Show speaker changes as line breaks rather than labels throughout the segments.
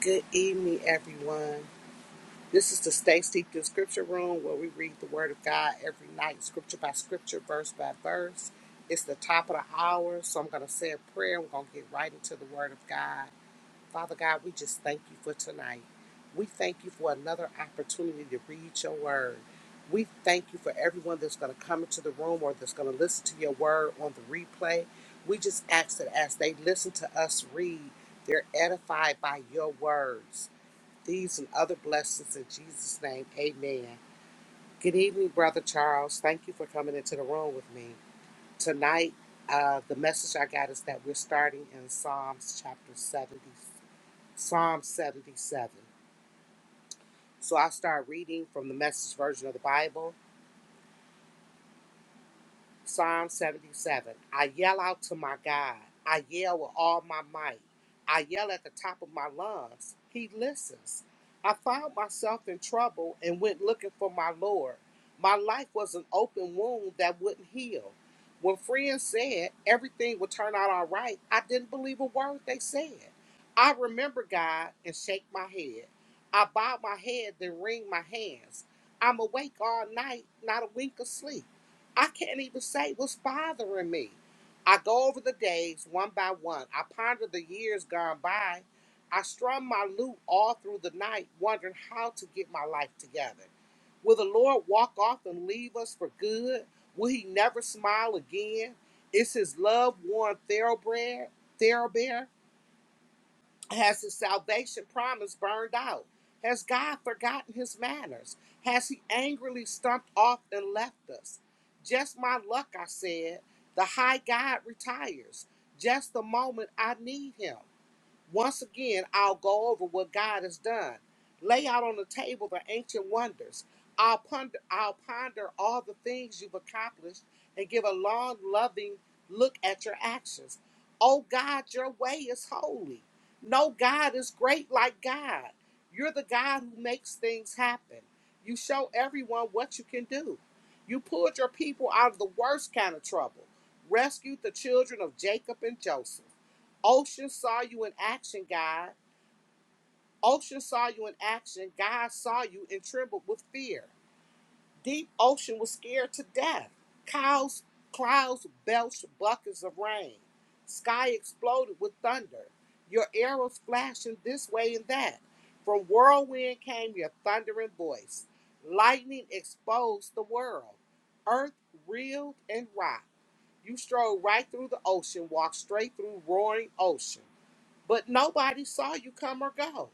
Good evening, everyone. This is the Stay Steeped in Scripture Room where we read the Word of God every night, scripture by scripture, verse by verse. It's the top of the hour, so I'm going to say a prayer. We're going to get right into the Word of God. Father God, we just thank you for tonight. We thank you for another opportunity to read your Word. We thank you for everyone that's going to come into the room or that's going to listen to your Word on the replay. We just ask that as they listen to us read, they're edified by your words. These and other blessings in Jesus' name. Amen. Good evening, Brother Charles. Thank you for coming into the room with me. Tonight, uh, the message I got is that we're starting in Psalms chapter 70, Psalm 77. So I'll start reading from the message version of the Bible. Psalm 77. I yell out to my God. I yell with all my might. I yell at the top of my lungs. He listens. I found myself in trouble and went looking for my Lord. My life was an open wound that wouldn't heal. When friends said everything would turn out all right, I didn't believe a word they said. I remember God and shake my head. I bow my head, then wring my hands. I'm awake all night, not a wink of sleep. I can't even say what's bothering me. I go over the days one by one. I ponder the years gone by. I strum my lute all through the night, wondering how to get my life together. Will the Lord walk off and leave us for good? Will he never smile again? Is his love worn thoroughbred? Thoroughbred? Has his salvation promise burned out? Has God forgotten his manners? Has he angrily stumped off and left us? Just my luck, I said. The high God retires. Just the moment I need him. Once again, I'll go over what God has done, lay out on the table the ancient wonders. I'll ponder, I'll ponder all the things you've accomplished and give a long, loving look at your actions. Oh God, your way is holy. No God is great like God. You're the God who makes things happen. You show everyone what you can do. You pulled your people out of the worst kind of trouble, rescued the children of Jacob and Joseph. Ocean saw you in action, God. Ocean saw you in action. God saw you and trembled with fear. Deep ocean was scared to death. Clouds, clouds belched buckets of rain. Sky exploded with thunder. Your arrows flashing this way and that. From whirlwind came your thundering voice. Lightning exposed the world. Earth reeled and rocked. You strode right through the ocean, walked straight through roaring ocean. But nobody saw you come or go.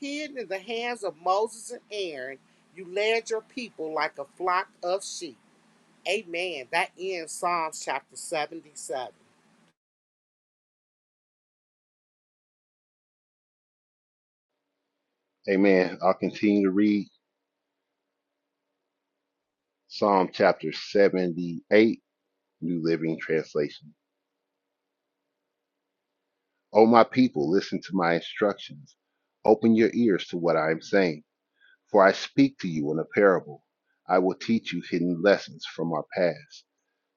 Hidden in the hands of Moses and Aaron, you led your people like a flock of sheep. Amen. That ends Psalms chapter 77.
Amen. I'll continue to read Psalm chapter 78, New Living Translation. O my people, listen to my instructions. Open your ears to what I am saying, for I speak to you in a parable. I will teach you hidden lessons from our past,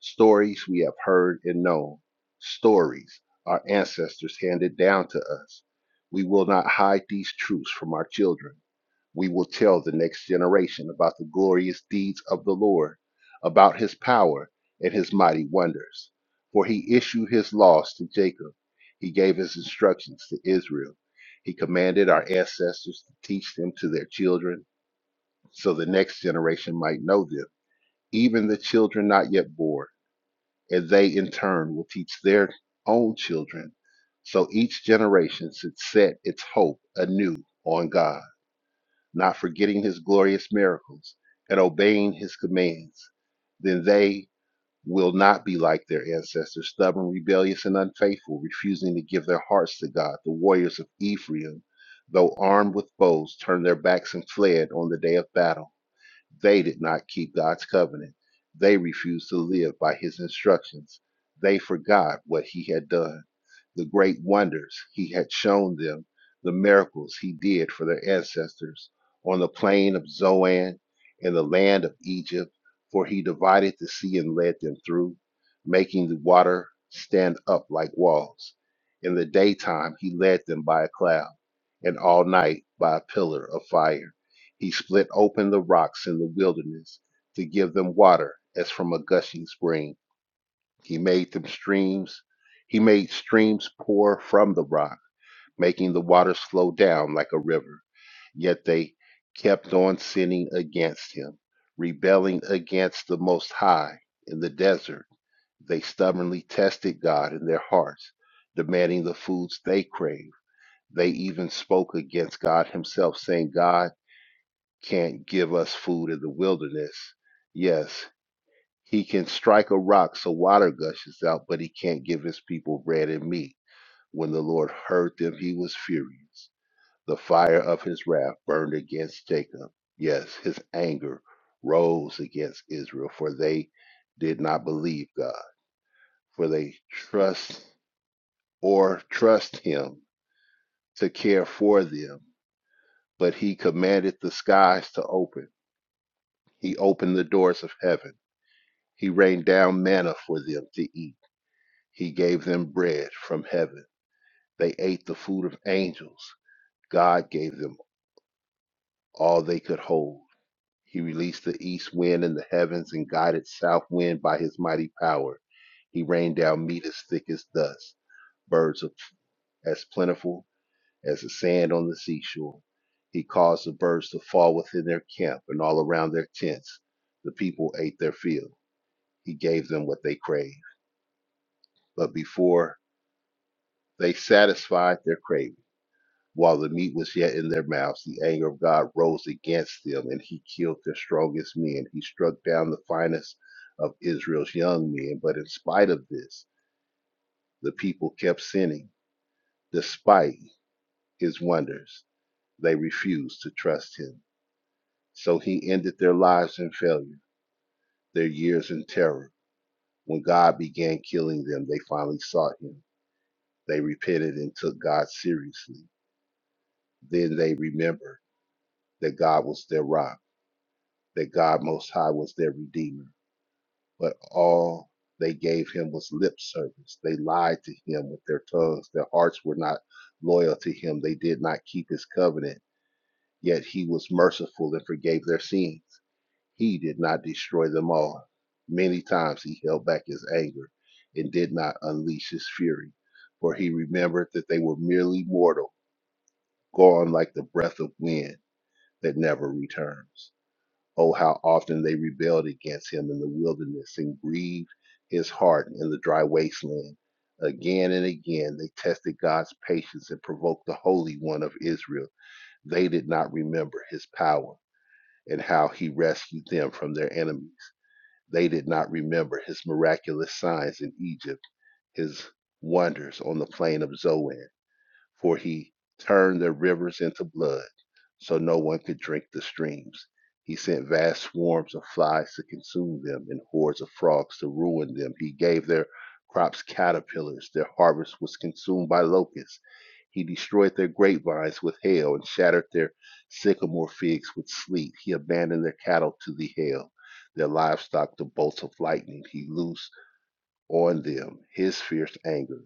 stories we have heard and known, stories our ancestors handed down to us. We will not hide these truths from our children We will tell the next generation about the glorious deeds of the Lord, about his power and his mighty wonders. For he issued his laws to Jacob, he gave his instructions to Israel. He commanded our ancestors to teach them to their children, so the next generation might know them, even the children not yet born, and they in turn will teach their own children. So each generation should set its hope anew on God not forgetting his glorious miracles, and obeying his commands, then they will not be like their ancestors, stubborn, rebellious, and unfaithful, refusing to give their hearts to God. The warriors of Ephraim, though armed with bows, turned their backs and fled on the day of battle. They did not keep God's covenant. They refused to live by his instructions. They forgot what he had done the great wonders he had shown them, the miracles he did for their ancestors on the plain of Zoan in the land of Egypt, for he divided the sea and led them through, making the water stand up like walls. In the daytime he led them by a cloud, and all night by a pillar of fire. He split open the rocks in the wilderness to give them water as from a gushing spring he made them streams. He made streams pour from the rock, making the water slow down like a river. Yet they kept on sinning against him, rebelling against the Most High in the desert. They stubbornly tested God in their hearts, demanding the foods they craved. They even spoke against God Himself, saying, God can't give us food in the wilderness. Yes, he can strike a rock so water gushes out, but he can't give his people bread and meat. When the Lord heard them, he was furious. The fire of his wrath burned against Jacob. Yes, his anger rose against Israel, for they did not believe God, for they trust or trust him to care for them. But he commanded the skies to open. He opened the doors of heaven. He rained down manna for them to eat He gave them bread from heaven. They ate the food of angels. God gave them all they could hold. He released the east wind in the heavens and guided south wind by his mighty power. He rained down meat as thick as dust, birds of, as plentiful as the sand on the seashore. He caused the birds to fall within their camp and all around their tents. The people ate their fill. He gave them what they craved. But before they satisfied their craving, While the meat was yet in their mouths, the anger of God rose against them, and he killed their strongest men. He struck down the finest of Israel's young men. But in spite of this, the people kept sinning. Despite his wonders, they refused to trust him. So he ended their lives in failure, their years in terror. When God began killing them, they finally sought him. They repented and took God seriously. Then they remembered that God was their rock that God Most High was their Redeemer, but all they gave him was lip service. They lied to him with their tongues. Their hearts were not loyal to him. They did not keep his covenant, yet he was merciful and forgave their sins. He did not destroy them all. Many times he held back his anger and did not unleash his fury, for he remembered that they were merely mortal, gone like the breath of wind that never returns. Oh, how often they rebelled against him in the wilderness and grieved his heart in the dry wasteland. Again and again, they tested God's patience and provoked the Holy One of Israel. They did not remember his power and how he rescued them from their enemies. They did not remember his miraculous signs in Egypt, his wonders on the plain of Zoan for he turned the rivers into blood, so no one could drink the streams. He sent vast swarms of flies to consume them and hordes of frogs to ruin them. He gave their crops caterpillars, their harvest was consumed by locusts. He destroyed their grapevines with hail and shattered their sycamore figs with sleet. He abandoned their cattle to the hail, their livestock to bolts of lightning. He loosed on them his fierce anger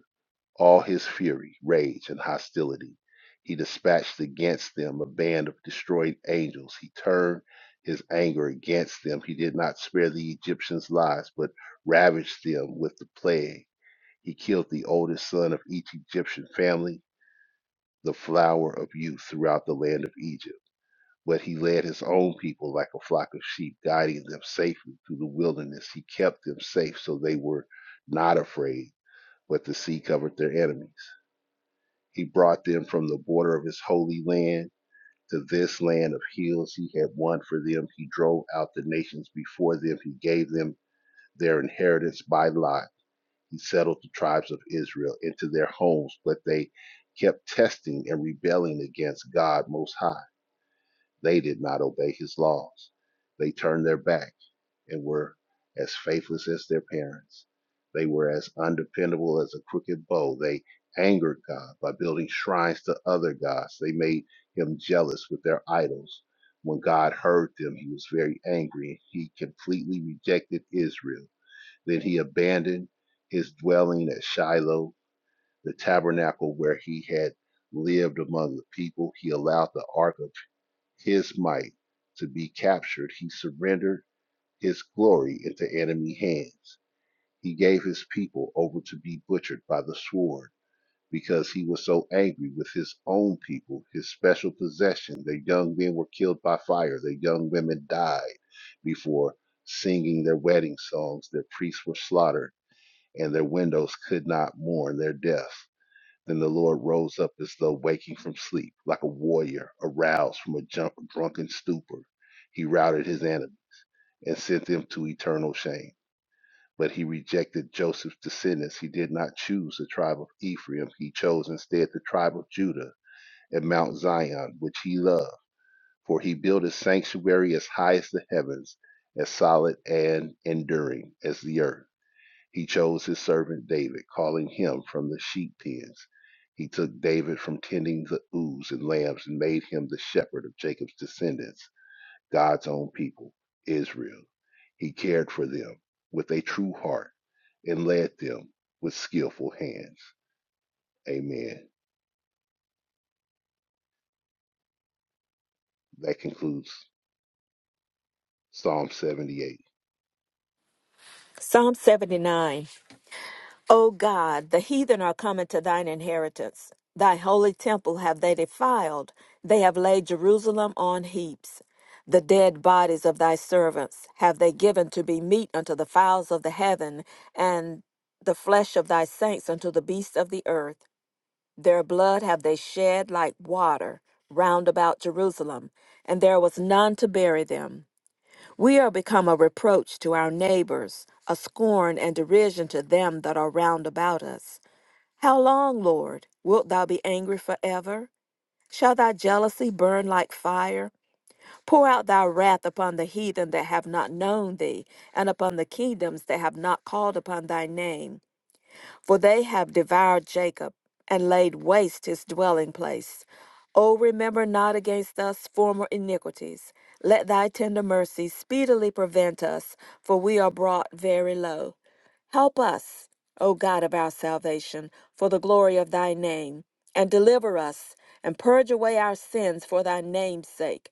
all his fury, rage, and hostility. He dispatched against them a band of destroyed angels. He turned his anger against them. He did not spare the Egyptians' lives, but ravaged them with the plague. He killed the oldest son of each Egyptian family, the flower of youth throughout the land of Egypt. But he led his own people like a flock of sheep, guiding them safely through the wilderness. He kept them safe so they were not afraid, but the sea covered their enemies. He brought them from the border of his holy land to this land of hills he had won for them. He drove out the nations before them. He gave them their inheritance by lot. He settled the tribes of Israel into their homes, but they kept testing and rebelling against God Most High. They did not obey his laws. They turned their back and were as faithless as their parents. They were as undependable as a crooked bow. They angered God by building shrines to other gods. They made him jealous with their idols. When God heard them, he was very angry. He completely rejected Israel. Then he abandoned his dwelling at Shiloh, the tabernacle where he had lived among the people. He allowed the ark of his might to be captured. He surrendered his glory into enemy hands. He gave his people over to be butchered by the sword because he was so angry with his own people, his special possession. Their young men were killed by fire, their young women died before singing their wedding songs, their priests were slaughtered, and their windows could not mourn their death. Then the Lord rose up as though waking from sleep, like a warrior aroused from a junk, drunken stupor. He routed his enemy and sent them to eternal shame. But he rejected Joseph's descendants. He did not choose the tribe of Ephraim. He chose instead the tribe of Judah and Mount Zion, which he loved. For he built a sanctuary as high as the heavens, as solid and enduring as the earth. He chose his servant David, calling him from the sheep pens. He took David from tending the ewes and lambs and made him the shepherd of Jacob's descendants God's own people, Israel. He cared for them with a true heart and led them with skillful hands. Amen. That concludes Psalm 78.
Psalm seventy-nine. O God, the heathen are come into thine inheritance. Thy holy temple have they defiled. They have laid Jerusalem on heaps. The dead bodies of thy servants have they given to be meat unto the fowls of the heaven, and the flesh of thy saints unto the beasts of the earth. Their blood have they shed like water round about Jerusalem, and there was none to bury them. We are become a reproach to our neighbors, a scorn and derision to them that are round about us. How long, Lord, wilt thou be angry forever? Shall thy jealousy burn like fire? Pour out thy wrath upon the heathen that have not known thee, and upon the kingdoms that have not called upon thy name for they have devoured Jacob and laid waste his dwelling place. O remember not against us former iniquities. Let thy tender mercy speedily prevent us, for we are brought very low. Help us, O God of our salvation, for the glory of thy name, and deliver us, and purge away our sins for thy name's sake.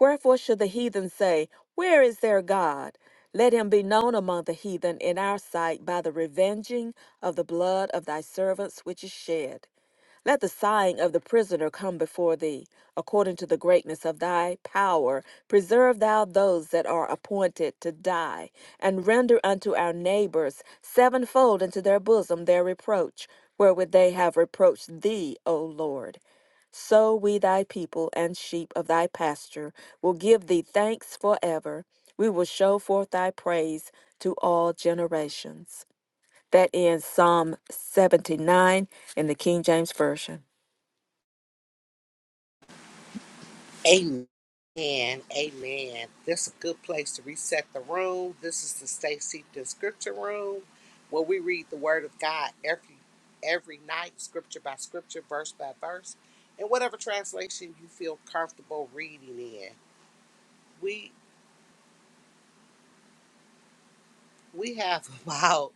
Wherefore should the heathen say, Where is their God? Let him be known among the heathen in our sight by the revenging of the blood of thy servants which is shed. Let the sighing of the prisoner come before thee. According to the greatness of thy power, preserve thou those that are appointed to die, and render unto our neighbors sevenfold into their bosom their reproach, wherewith they have reproached thee, O Lord. So we, thy people and sheep of thy pasture, will give thee thanks forever. We will show forth thy praise to all generations. That ends Psalm 79 in the King James Version.
Amen. And Amen. This is a good place to reset the room. This is the Stay Seeped in Scripture Room, where we read the Word of God every every night, scripture by scripture, verse by verse, in whatever translation you feel comfortable reading in. We we have about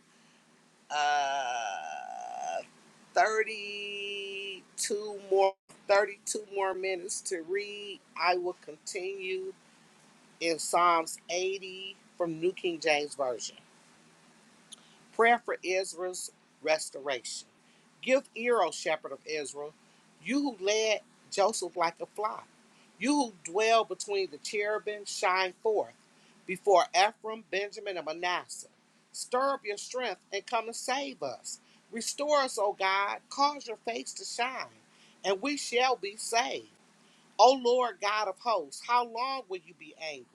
uh 32 more 32 more minutes to read i will continue in psalms 80 from new king james version Prayer for Israel's restoration. Give ear, O shepherd of Israel, you who led Joseph like a flock. You who dwell between the cherubim, shine forth before Ephraim, Benjamin, and Manasseh. Stir up your strength and come and save us. Restore us, O God. Cause your face to shine, and we shall be saved. O Lord God of hosts, how long will you be angry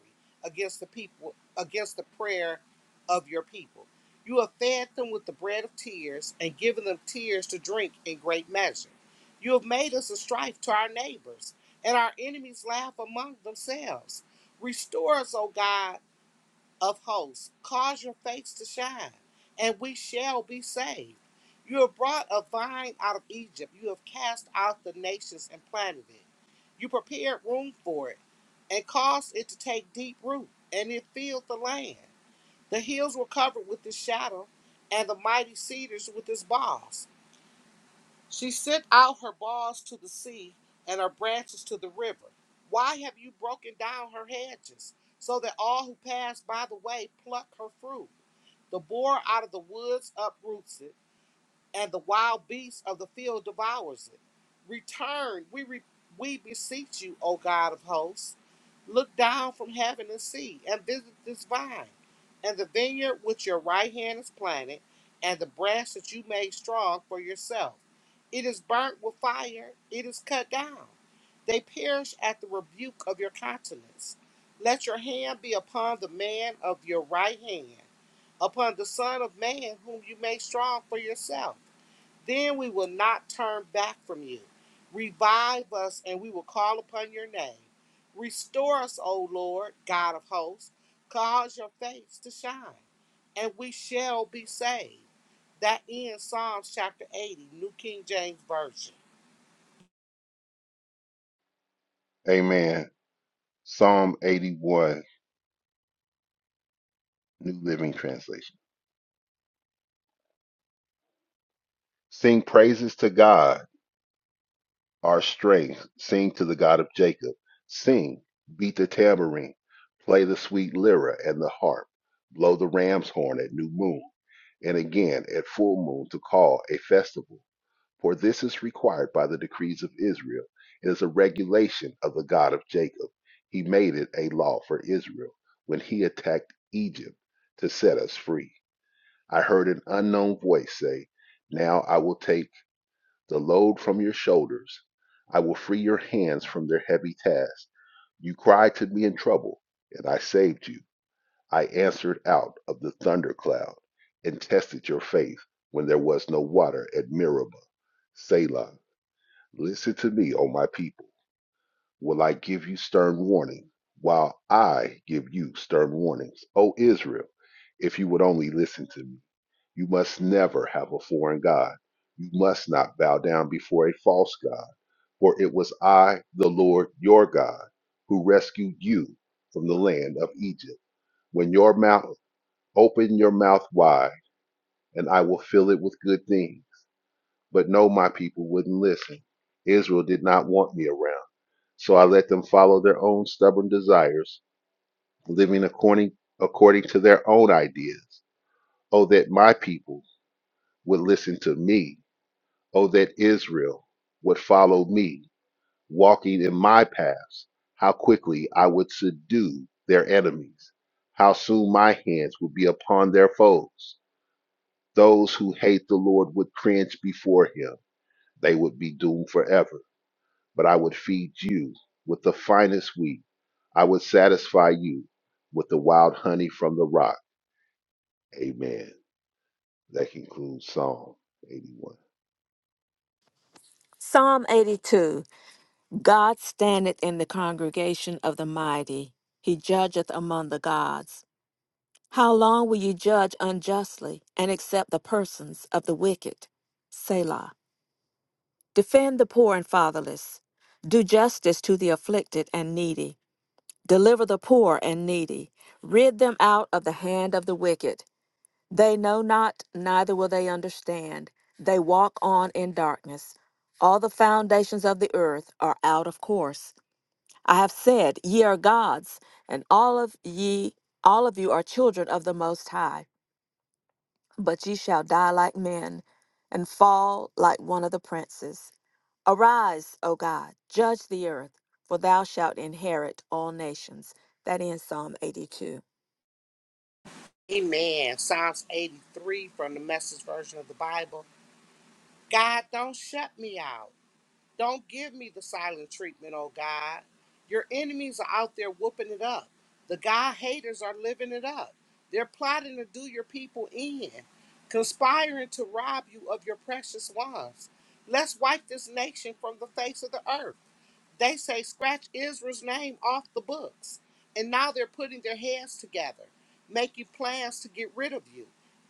against the people, against the prayer of your people? You have fed them with the bread of tears and given them tears to drink in great measure. You have made us a strife to our neighbors, and our enemies laugh among themselves. Restore us, O God of hosts, cause your face to shine, and we shall be saved. You have brought a vine out of Egypt. You have cast out the nations and planted it. You prepared room for it and caused it to take deep root, and it filled the land. The hills were covered with its shadow, and the mighty cedars with its boughs. She sent out her bars to the sea and her branches to the river. Why have you broken down her hedges, so that all who pass by the way pluck her fruit? The boar out of the woods uproots it and the wild beast of the field devours it. Return, we re, we beseech you, O God of hosts. Look down from heaven and see, and visit this vine, and the vineyard which your right hand has planted, and the branch that you made strong for yourself. It is burnt with fire, it is cut down. They perish at the rebuke of your countenance. Let your hand be upon the man of your right hand, upon the Son of Man whom you made strong for yourself then we will not turn back from you. Revive us, and we will call upon your name. Restore us, O Lord, God of hosts. Cause your face to shine, and we shall be saved. That ends Psalms chapter 80, New King James Version.
Amen. Psalm 81, New Living Translation. Sing praises to God, our strength. Sing to the God of Jacob. Sing, beat the tambourine, play the sweet lyra and the harp, blow the ram's horn at new moon, and again at full moon to call a festival For this is required by the decrees of Israel. It is a regulation of the God of Jacob. He made it a law for Israel when he attacked Egypt to set us free. I heard an unknown voice say, Now I will take the load from your shoulders. I will free your hands from their heavy task. You cried to me in trouble, and I saved you. I answered out of the thundercloud and tested your faith when there was no water at Meribah. Selah. Listen to me, O my people. Will I give you stern warning, while I give you stern warnings, O Israel? If you would only listen to me, you must never have a foreign God. You must not bow down before a false God, for it was I, the Lord your God, who rescued you from the land of Egypt. When your mouth open your mouth wide, and I will fill it with good things. But no, my people wouldn't listen. Israel did not want me around So I let them follow their own stubborn desires, living according according to their own ideas. Oh, that my people would listen to me. Oh, that Israel would follow me, walking in my paths. How quickly I would subdue their enemies. How soon my hands would be upon their foes. Those who hate the Lord would cringe before him. They would be doomed forever. but I would feed you with the finest wheat. I would satisfy you with the wild honey from the rock. Amen. That concludes Psalm 81.
Psalm 82 God standeth in the congregation of the mighty, he judgeth among the gods. How long will ye judge unjustly and accept the persons of the wicked? Selah. Defend the poor and fatherless. Do justice to the afflicted and needy. Deliver the poor and needy. Rid them out of the hand of the wicked. They know not, neither will they understand. They walk on in darkness. All the foundations of the earth are out of course. I have said, Ye are gods, and all of ye, all of you are children of the Most High. But ye shall die like men, and fall like one of the princes. Arise, O God, judge the earth, for thou shalt inherit all nations. That ends Psalm 82.
Amen. Psalms 83 from the Message Version of the Bible. God, don't shut me out. Don't give me the silent treatment, oh God. Your enemies are out there whooping it up. The God haters are living it up. They're plotting to do your people in, conspiring to rob you of your precious ones. Let's wipe this nation from the face of the earth. They say scratch Israel's name off the books. And now they're putting their heads together, making plans to get rid of you.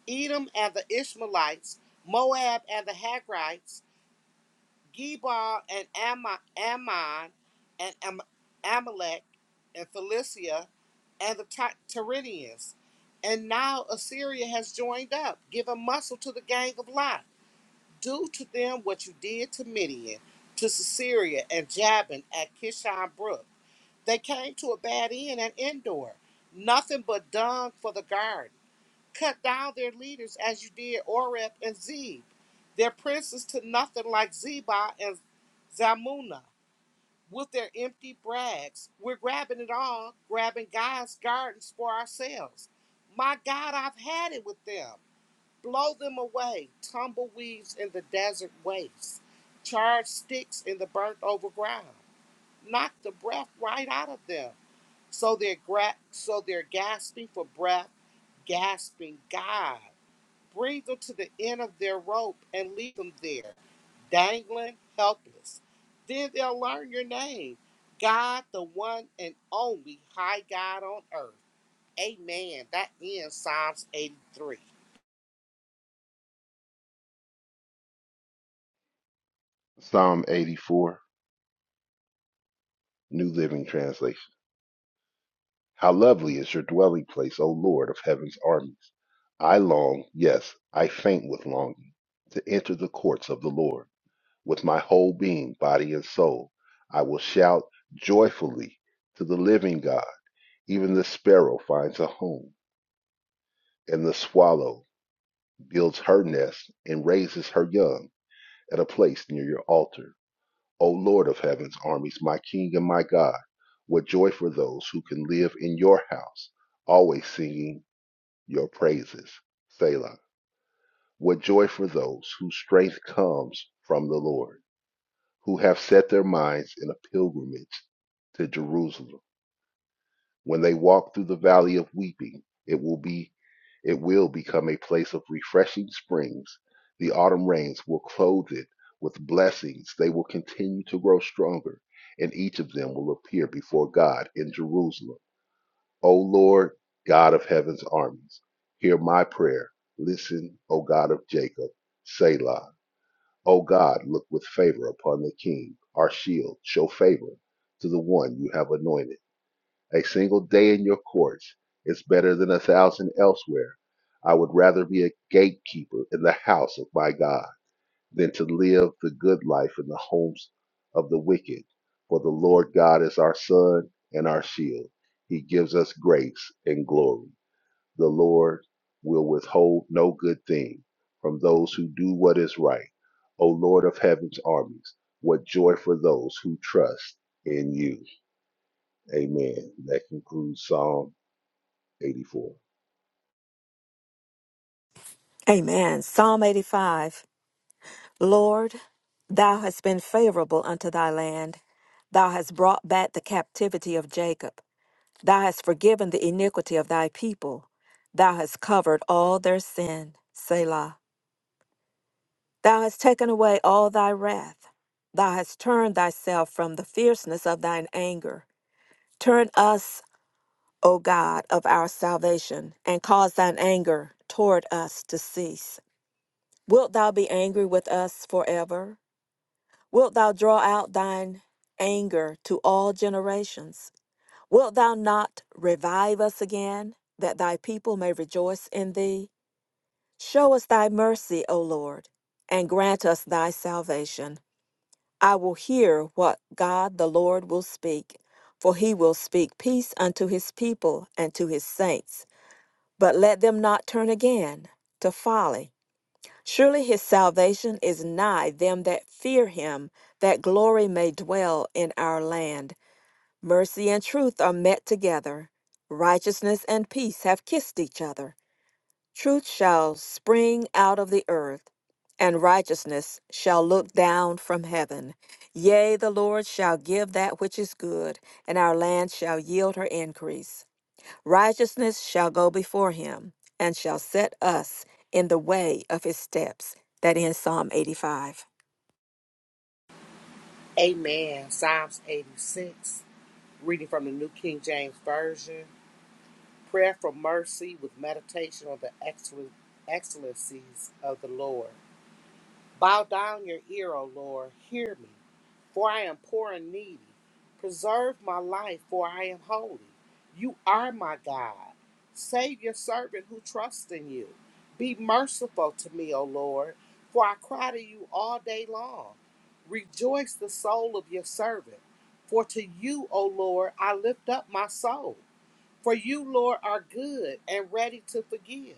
Edom and the Ishmaelites, Moab and the Hagrites, Gebal and Ammon, Ammon and Am- Amalek and Philistia and the Ty- Tyrians. And now Assyria has joined up, giving muscle to the gang of Lot. Do to them what you did to Midian, to Sisera, and Jabin at Kishon Brook. They came to a bad end at Endor, nothing but dung for the garden. Cut down their leaders as you did Oreb and Zeb, their princes to nothing like Zeba and Zamuna with their empty brags. We're grabbing it all, grabbing God's gardens for ourselves. My God, I've had it with them. Blow them away, tumbleweeds in the desert wastes, charred sticks in the burnt over ground. Knock the breath right out of them. So they're gra- so they're gasping for breath, gasping God bring them to the end of their rope and leave them there, dangling, helpless. Then they'll learn your name, God, the one and only high God on earth. Amen. That ends Psalms 83.
Psalm 84, New Living Translation. How lovely is your dwelling place, O Lord of heaven's armies. I long, yes, I faint with longing, to enter the courts of the Lord. With my whole being, body, and soul, I will shout joyfully to the living God. Even the sparrow finds a home And the swallow builds her nest and raises her young at a place near your altar. O Lord of heaven's armies, my King and my God, what joy for those who can live in your house, always singing your praises. Selah. What joy for those whose strength comes from the Lord, who have set their minds in a pilgrimage to Jerusalem. When they walk through the valley of weeping, it will be it will become a place of refreshing springs. The autumn rains will clothe it with blessings. They will continue to grow stronger, and each of them will appear before God in Jerusalem. O Lord, God of heaven's armies, hear my prayer. Listen, O God of Jacob, Selah. O God, look with favor upon the king, our shield. Show favor to the one you have anointed. A single day in your courts is better than a thousand elsewhere. I would rather be a gatekeeper in the house of my God than to live the good life in the homes of the wicked. For the Lord God is our sun and our shield. He gives us grace and glory. The Lord will withhold no good thing from those who do what is right. O Lord of heaven's armies, what joy for those who trust in you. Amen. That concludes Psalm 84.
Amen. Psalm 85. Lord, thou hast been favorable unto thy land. Thou hast brought back the captivity of Jacob. Thou hast forgiven the iniquity of thy people. Thou hast covered all their sin. Selah. Thou hast taken away all thy wrath. Thou hast turned thyself from the fierceness of thine anger. Turn us O God of our salvation, and cause thine anger toward us to cease. Wilt thou be angry with us forever? Wilt thou draw out thine anger to all generations? Wilt thou not revive us again, that thy people may rejoice in thee? Show us thy mercy, O Lord, and grant us thy salvation. I will hear what God the Lord will speak, for he will speak peace unto his people and to his saints But let them not turn again to folly. Surely his salvation is nigh them that fear him, that glory may dwell in our land. Mercy and truth are met together. Righteousness and peace have kissed each other. Truth shall spring out of the earth, and righteousness shall look down from heaven. Yea, the Lord shall give that which is good, and our land shall yield her increase. Righteousness shall go before him and shall set us in the way of his steps. That ends Psalm 85.
Amen. Psalms 86. Reading from the New King James Version. Prayer for mercy with meditation on the excellen- excellencies of the Lord. Bow down your ear, O Lord. Hear me. for I am poor and needy. Preserve my life, for I am holy. You are my God. Save your servant who trusts in you. Be merciful to me, O Lord, for I cry to you all day long. Rejoice the soul of your servant, for to you, O Lord, I lift up my soul. For you, Lord, are good and ready to forgive,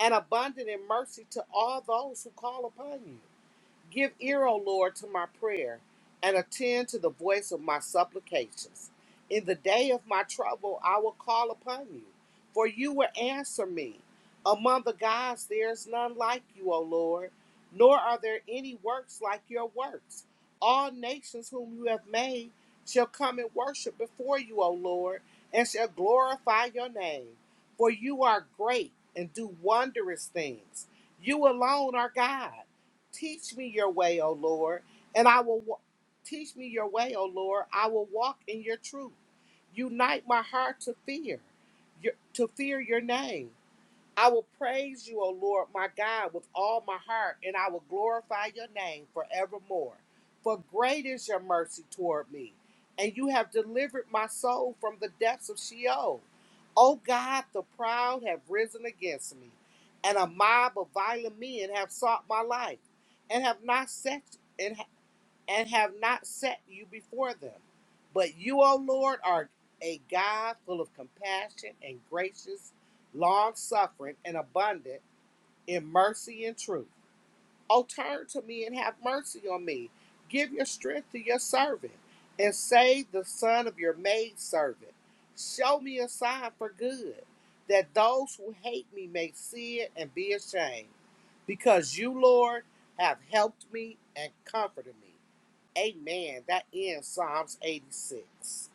and abundant in mercy to all those who call upon you. Give ear, O Lord, to my prayer, and attend to the voice of my supplications. In the day of my trouble, I will call upon you, for you will answer me. Among the gods, there is none like you, O Lord, nor are there any works like your works. All nations whom you have made shall come and worship before you, O Lord, and shall glorify your name. For you are great and do wondrous things. You alone are God. Teach me your way, O Lord, and I will wa- teach me your way, O Lord. I will walk in your truth. Unite my heart to fear, your, to fear your name. I will praise you, O Lord, my God, with all my heart, and I will glorify your name forevermore. For great is your mercy toward me, and you have delivered my soul from the depths of Sheol. O God, the proud have risen against me, and a mob of violent men have sought my life, and have not set and and have not set you before them. But you, O Lord, are a God full of compassion and gracious, long suffering, and abundant in mercy and truth. O turn to me and have mercy on me. Give your strength to your servant, and save the son of your maidservant. Show me a sign for good, that those who hate me may see it and be ashamed. Because you, Lord, have helped me and comforted me. Amen. That ends Psalms 86.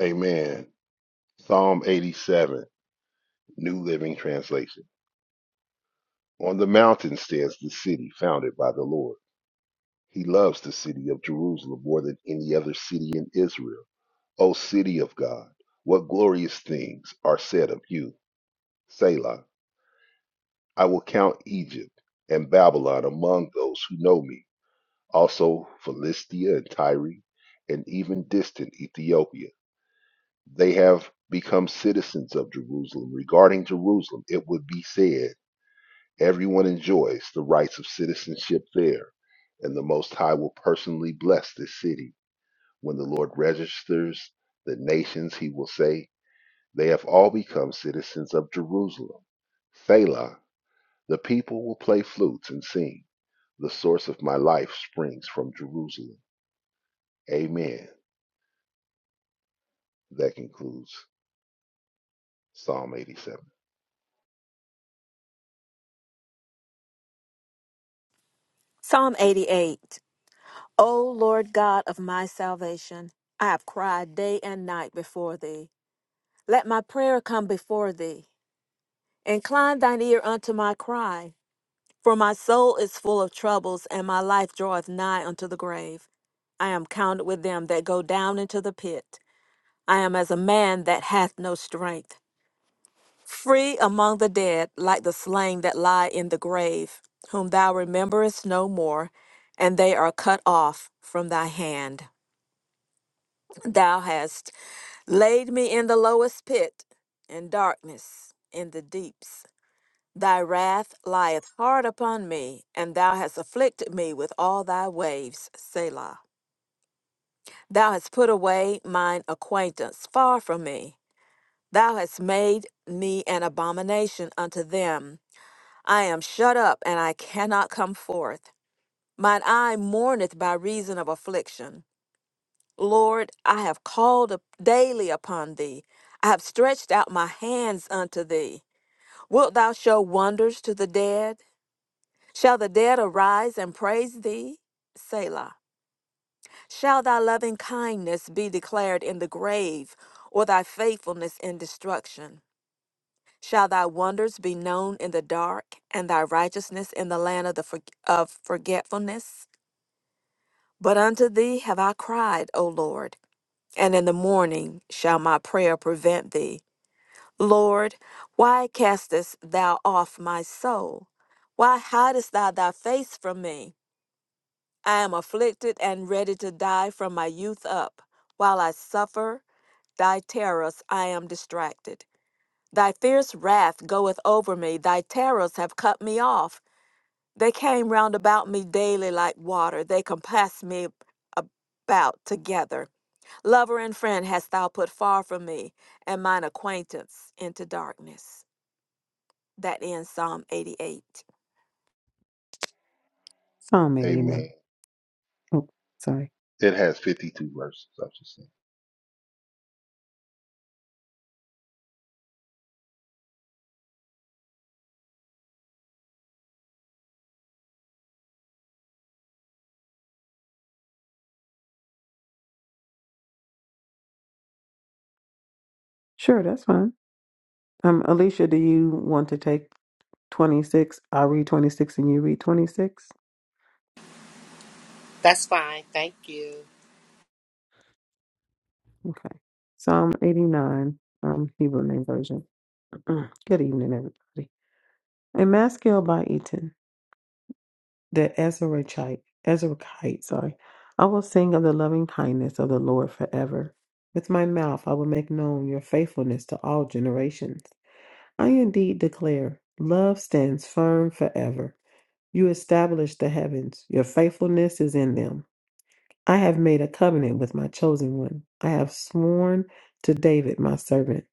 Amen. Psalm 87, New Living Translation. On the mountain stands the city founded by the Lord. He loves the city of Jerusalem more than any other city in Israel. O city of God, what glorious things are said of you. Selah. I will count Egypt and Babylon among those who know me, also Philistia and Tyre, and even distant Ethiopia. they have become citizens of Jerusalem. Regarding Jerusalem, it would be said, Everyone enjoys the rights of citizenship there, and the Most High will personally bless this city. When the Lord registers the nations, he will say, They have all become citizens of Jerusalem. Selah, the people will play flutes and sing. The source of my life springs from Jerusalem. Amen. That concludes Psalm 87.
Psalm 88. O Lord God of my salvation, I have cried day and night before thee. Let my prayer come before thee. Incline thine ear unto my cry, for my soul is full of troubles, and my life draweth nigh unto the grave. I am counted with them that go down into the pit. I am as a man that hath no strength. free among the dead, like the slain that lie in the grave, whom thou rememberest no more, and they are cut off from thy hand. Thou hast laid me in the lowest pit, in darkness, in the deeps. Thy wrath lieth hard upon me, and thou hast afflicted me with all thy waves, Selah. Thou hast put away mine acquaintance far from me. Thou hast made me an abomination unto them I am shut up, and I cannot come forth. Mine eye mourneth by reason of affliction. Lord, I have called up daily upon thee. I have stretched out my hands unto thee. Wilt thou show wonders to the dead? Shall the dead arise and praise thee? Selah. Shall thy loving kindness be declared in the grave, or thy faithfulness in destruction? Shall thy wonders be known in the dark, and thy righteousness in the land of, the forg of forgetfulness? But unto thee have I cried, O Lord, and in the morning shall my prayer prevent thee. Lord, why castest thou off my soul? Why hidest thou thy face from me? I am afflicted and ready to die from my youth up. While I suffer thy terrors, I am distracted. Thy fierce wrath goeth over me, thy terrors have cut me off. They came round about me daily like water, they compassed me about together. Lover and friend hast thou put far from me, and mine acquaintance into darkness. That ends Psalm 88.
Psalm
Amen.
89. Oh, sorry.
It has 52 verses, I just say.
Sure, that's fine. Um, Alicia, do you want to take 26? I'll read 26 and you read 26.
That's fine. Thank you.
Okay. Psalm 89, um, Hebrew name version. Mm, Good evening, everybody. A Maskell by Eaton, the Ezrachite, Ezrachite, sorry. I will sing of the loving kindness of the Lord forever. With my mouth I will make known your faithfulness to all generations. I indeed declare, love stands firm forever. You established the heavens, your faithfulness is in them. I have made a covenant with my chosen one. I have sworn to David, my servant.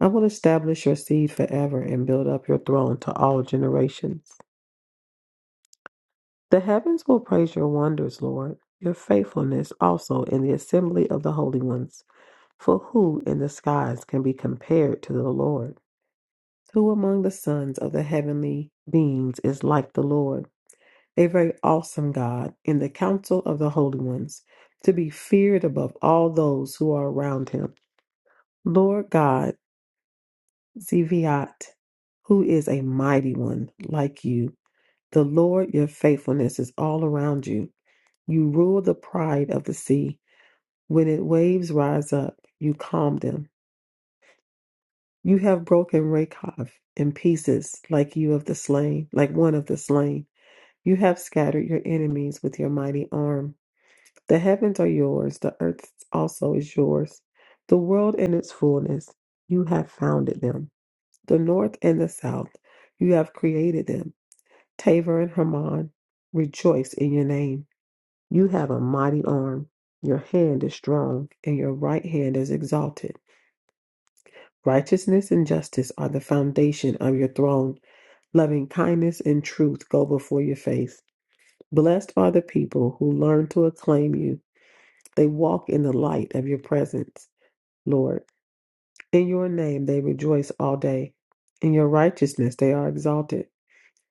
I will establish your seed forever and build up your throne to all generations. The heavens will praise your wonders, Lord, your faithfulness also in the assembly of the holy ones. For who in the skies can be compared to the Lord? Who among the sons of the heavenly beings is like the Lord? a very awesome God, in the council of the holy ones, to be feared above all those who are around him. Lord God, Zeviat, who is a mighty one like you. The Lord, your faithfulness is all around you. You rule the pride of the sea. When its waves rise up, you calm them. You have broken Rakhov in pieces like you of the slain, like one of the slain. You have scattered your enemies with your mighty arm. The heavens are yours, the earth also is yours, the world and its fullness. You have founded them. The north and the south, you have created them. Tabor and Hermon, rejoice in your name. You have a mighty arm. Your hand is strong, and your right hand is exalted. Righteousness and justice are the foundation of your throne. Loving kindness and truth go before your face. Blessed are the people who learn to acclaim you. They walk in the light of your presence. Lord. In your name they rejoice all day. In your righteousness they are exalted.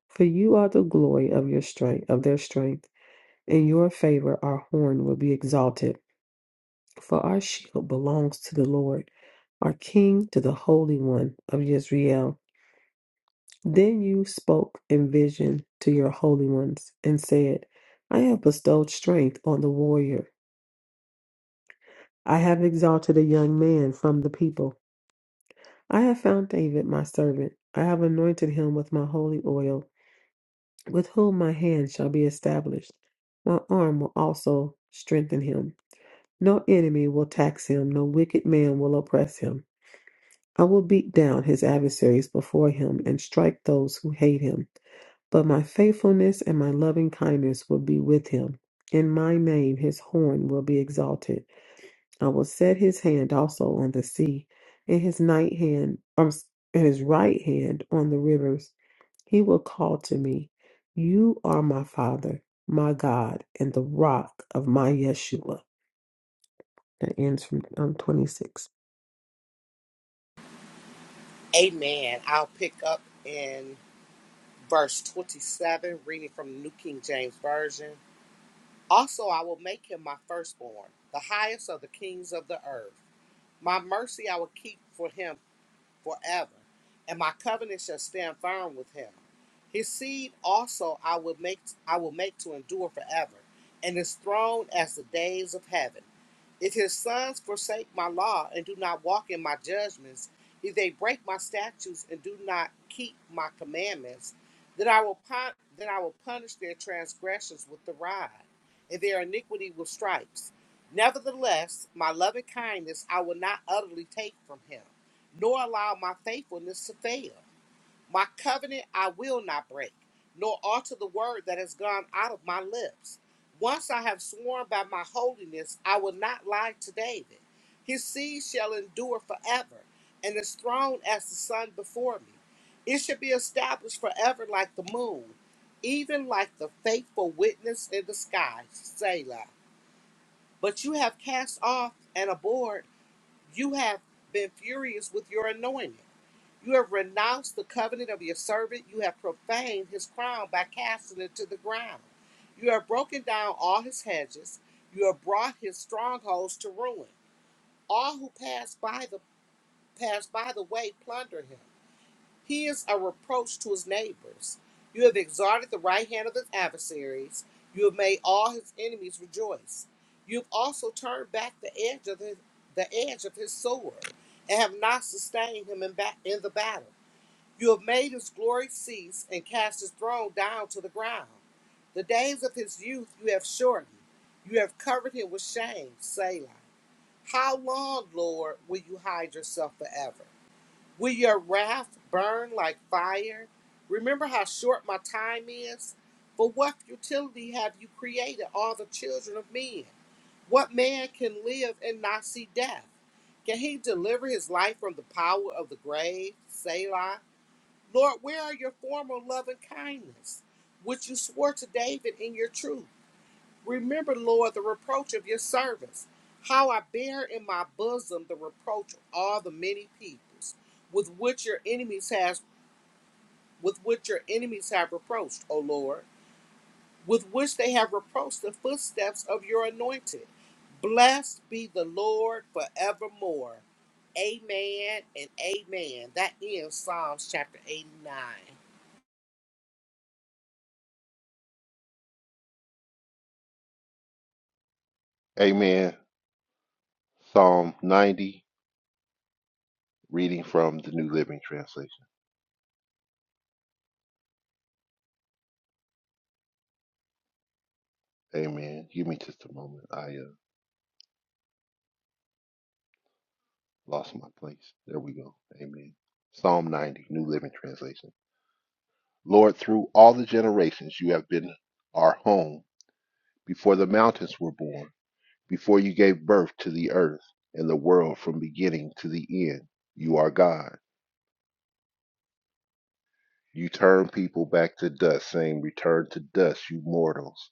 For you are the glory of your strength, of their strength. In your favor our horn will be exalted. For our shield belongs to the Lord, our King to the Holy One of Israel. Then you spoke in vision to your holy ones and said, I have bestowed strength on the warrior. I have exalted a young man from the people. I have found David, my servant. I have anointed him with my holy oil, with whom my hand shall be established. My arm will also strengthen him. No enemy will tax him, no wicked man will oppress him. I will beat down his adversaries before him and strike those who hate him. But my faithfulness and my loving kindness will be with him. In my name his horn will be exalted. I will set his hand also on the sea, and his night hand, um, and his right hand on the rivers. He will call to me, You are my Father, my God, and the rock of my Yeshua. That ends from um, 26.
Amen. I'll pick up in verse 27, reading from the New King James Version. Also, I will make him my firstborn, the highest of the kings of the earth. My mercy I will keep for him forever, and my covenant shall stand firm with him. His seed also I will make I will make to endure forever, and his throne as the days of heaven. If his sons forsake my law and do not walk in my judgments, if they break my statutes and do not keep my commandments, then I will pun- then I will punish their transgressions with the rod, and their iniquity with stripes. Nevertheless, my loving kindness I will not utterly take from him nor allow my faithfulness to fail. My covenant I will not break, nor alter the word that has gone out of my lips. Once I have sworn by my holiness, I will not lie to David. His seed shall endure forever, and his throne as the sun before me. It shall be established forever like the moon, even like the faithful witness in the sky, Selah. But you have cast off and abhorred, you have been furious with your anointing. You have renounced the covenant of your servant. You have profaned his crown by casting it to the ground. You have broken down all his hedges. You have brought his strongholds to ruin. All who pass by the pass by the way plunder him. He is a reproach to his neighbors. You have exalted the right hand of his adversaries. You have made all his enemies rejoice. You have also turned back the edge of his, the edge of his sword, and have not sustained him in, ba- in the battle. You have made his glory cease and cast his throne down to the ground. The days of his youth you have shortened. You have covered him with shame, Selah. How long, Lord, will you hide yourself forever? Will your wrath burn like fire? Remember how short my time is? For what futility have you created all the children of men? What man can live and not see death? Can he deliver his life from the power of the grave, Selah? Lord, where are your former love and kindness, which you swore to David in your truth? Remember, Lord, the reproach of your servants, how I bear in my bosom the reproach of all the many peoples, with which your enemies has with which your enemies have reproached, O Lord, with which they have reproached the footsteps of your anointed. Blessed be the Lord forevermore. Amen and amen. That ends Psalms chapter 89.
Amen. Psalm 90, reading from the New Living Translation. Amen. Give me just a moment. I uh, lost my place. There we go. Amen. Psalm 90, New Living Translation. Lord, through all the generations you have been our home, before the mountains were born, before you gave birth to the earth and the world from beginning to the end, you are God. You turn people back to dust, saying, Return to dust, you mortals.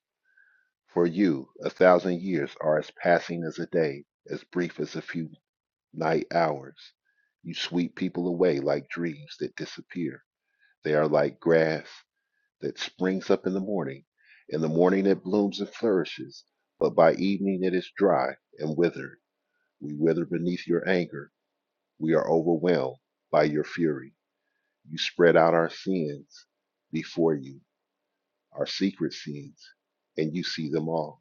For you, a thousand years are as passing as a day, as brief as a few night hours. You sweep people away like dreams that disappear. They are like grass that springs up in the morning. In the morning it blooms and flourishes, but by evening it is dry and withered. We wither beneath your anger. We are overwhelmed by your fury. You spread out our sins before you, our secret sins, and you see them all.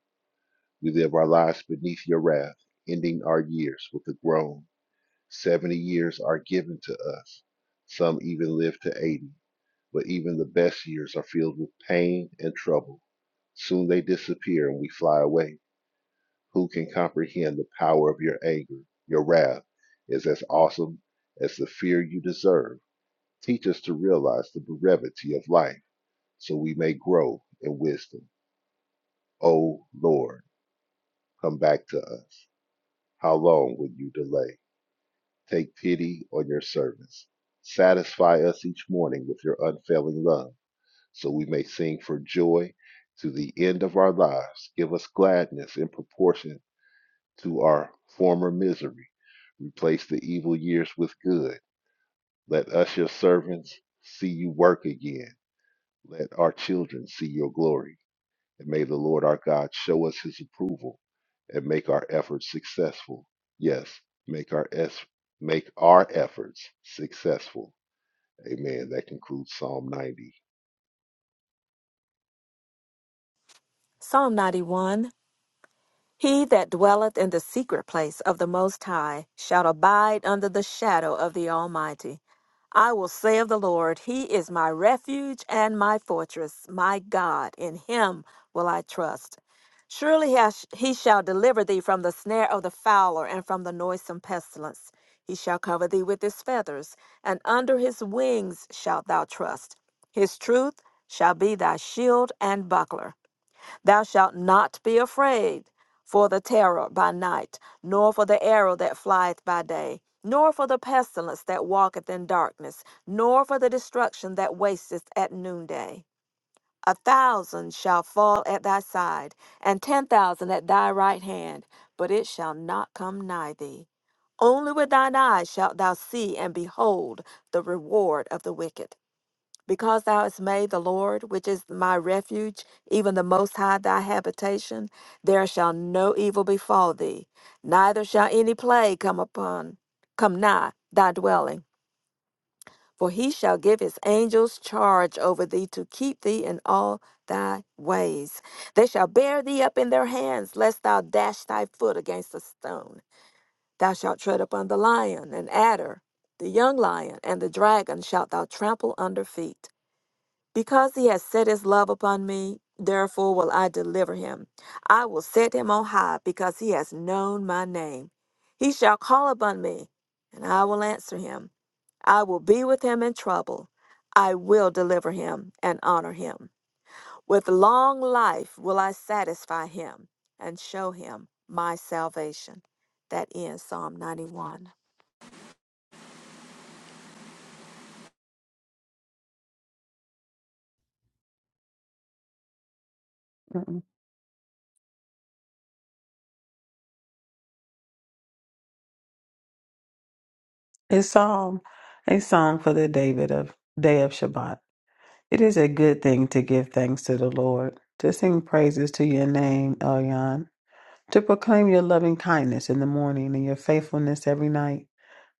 We live our lives beneath your wrath, ending our years with a groan. Seventy years are given to us. Some even live to eighty, but even the best years are filled with pain and trouble. Soon they disappear and we fly away. Who can comprehend the power of your anger? Your wrath is as awesome as the fear you deserve. Teach us to realize the brevity of life so we may grow in wisdom. O Lord, come back to us. How long will you delay? Take pity on your servants. Satisfy us each morning with your unfailing love, so we may sing for joy to the end of our lives. Give us gladness in proportion to our former misery. Replace the evil years with good. Let us, your servants, see you work again. Let our children see your glory. And may the Lord our God show us his approval and make our efforts successful. Yes, make our es- make our efforts successful. Amen. That concludes Psalm 90.
Psalm 91. He that dwelleth in the secret place of the Most High shall abide under the shadow of the Almighty. I will say of the Lord, He is my refuge and my fortress, my God, in Him will I trust. Surely he hash- he shall deliver thee from the snare of the fowler and from the noisome pestilence. He shall cover thee with his feathers, and under his wings shalt thou trust. His truth shall be thy shield and buckler. Thou shalt not be afraid for the terror by night, nor for the arrow that flieth by day, nor for the pestilence that walketh in darkness, nor for the destruction that wasteth at noonday. A thousand shall fall at thy side, and ten thousand at thy right hand, but it shall not come nigh thee. Only with thine eyes shalt thou see and behold the reward of the wicked because thou hast made the Lord, which is my refuge, even the Most High thy habitation, there shall no evil befall thee, neither shall any plague come upon, come nigh thy dwelling. For he shall give his angels charge over thee to keep thee in all thy ways. They shall bear thee up in their hands, lest thou dash thy foot against a stone. Thou shalt tread upon the lion and adder, the young lion and the dragon shalt thou trample under feet because he has set his love upon me, therefore will I deliver him. I will set him on high because he has known my name. He shall call upon me, and I will answer him. I will be with him in trouble. I will deliver him and honor him. With long life will I satisfy him and show him my salvation. That ends Psalm 91.
Mm-mm. It's Psalm, a song for the David of Day of Shabbat. It is a good thing to give thanks to the Lord, to sing praises to your name, Elyon, to proclaim your loving kindness in the morning and your faithfulness every night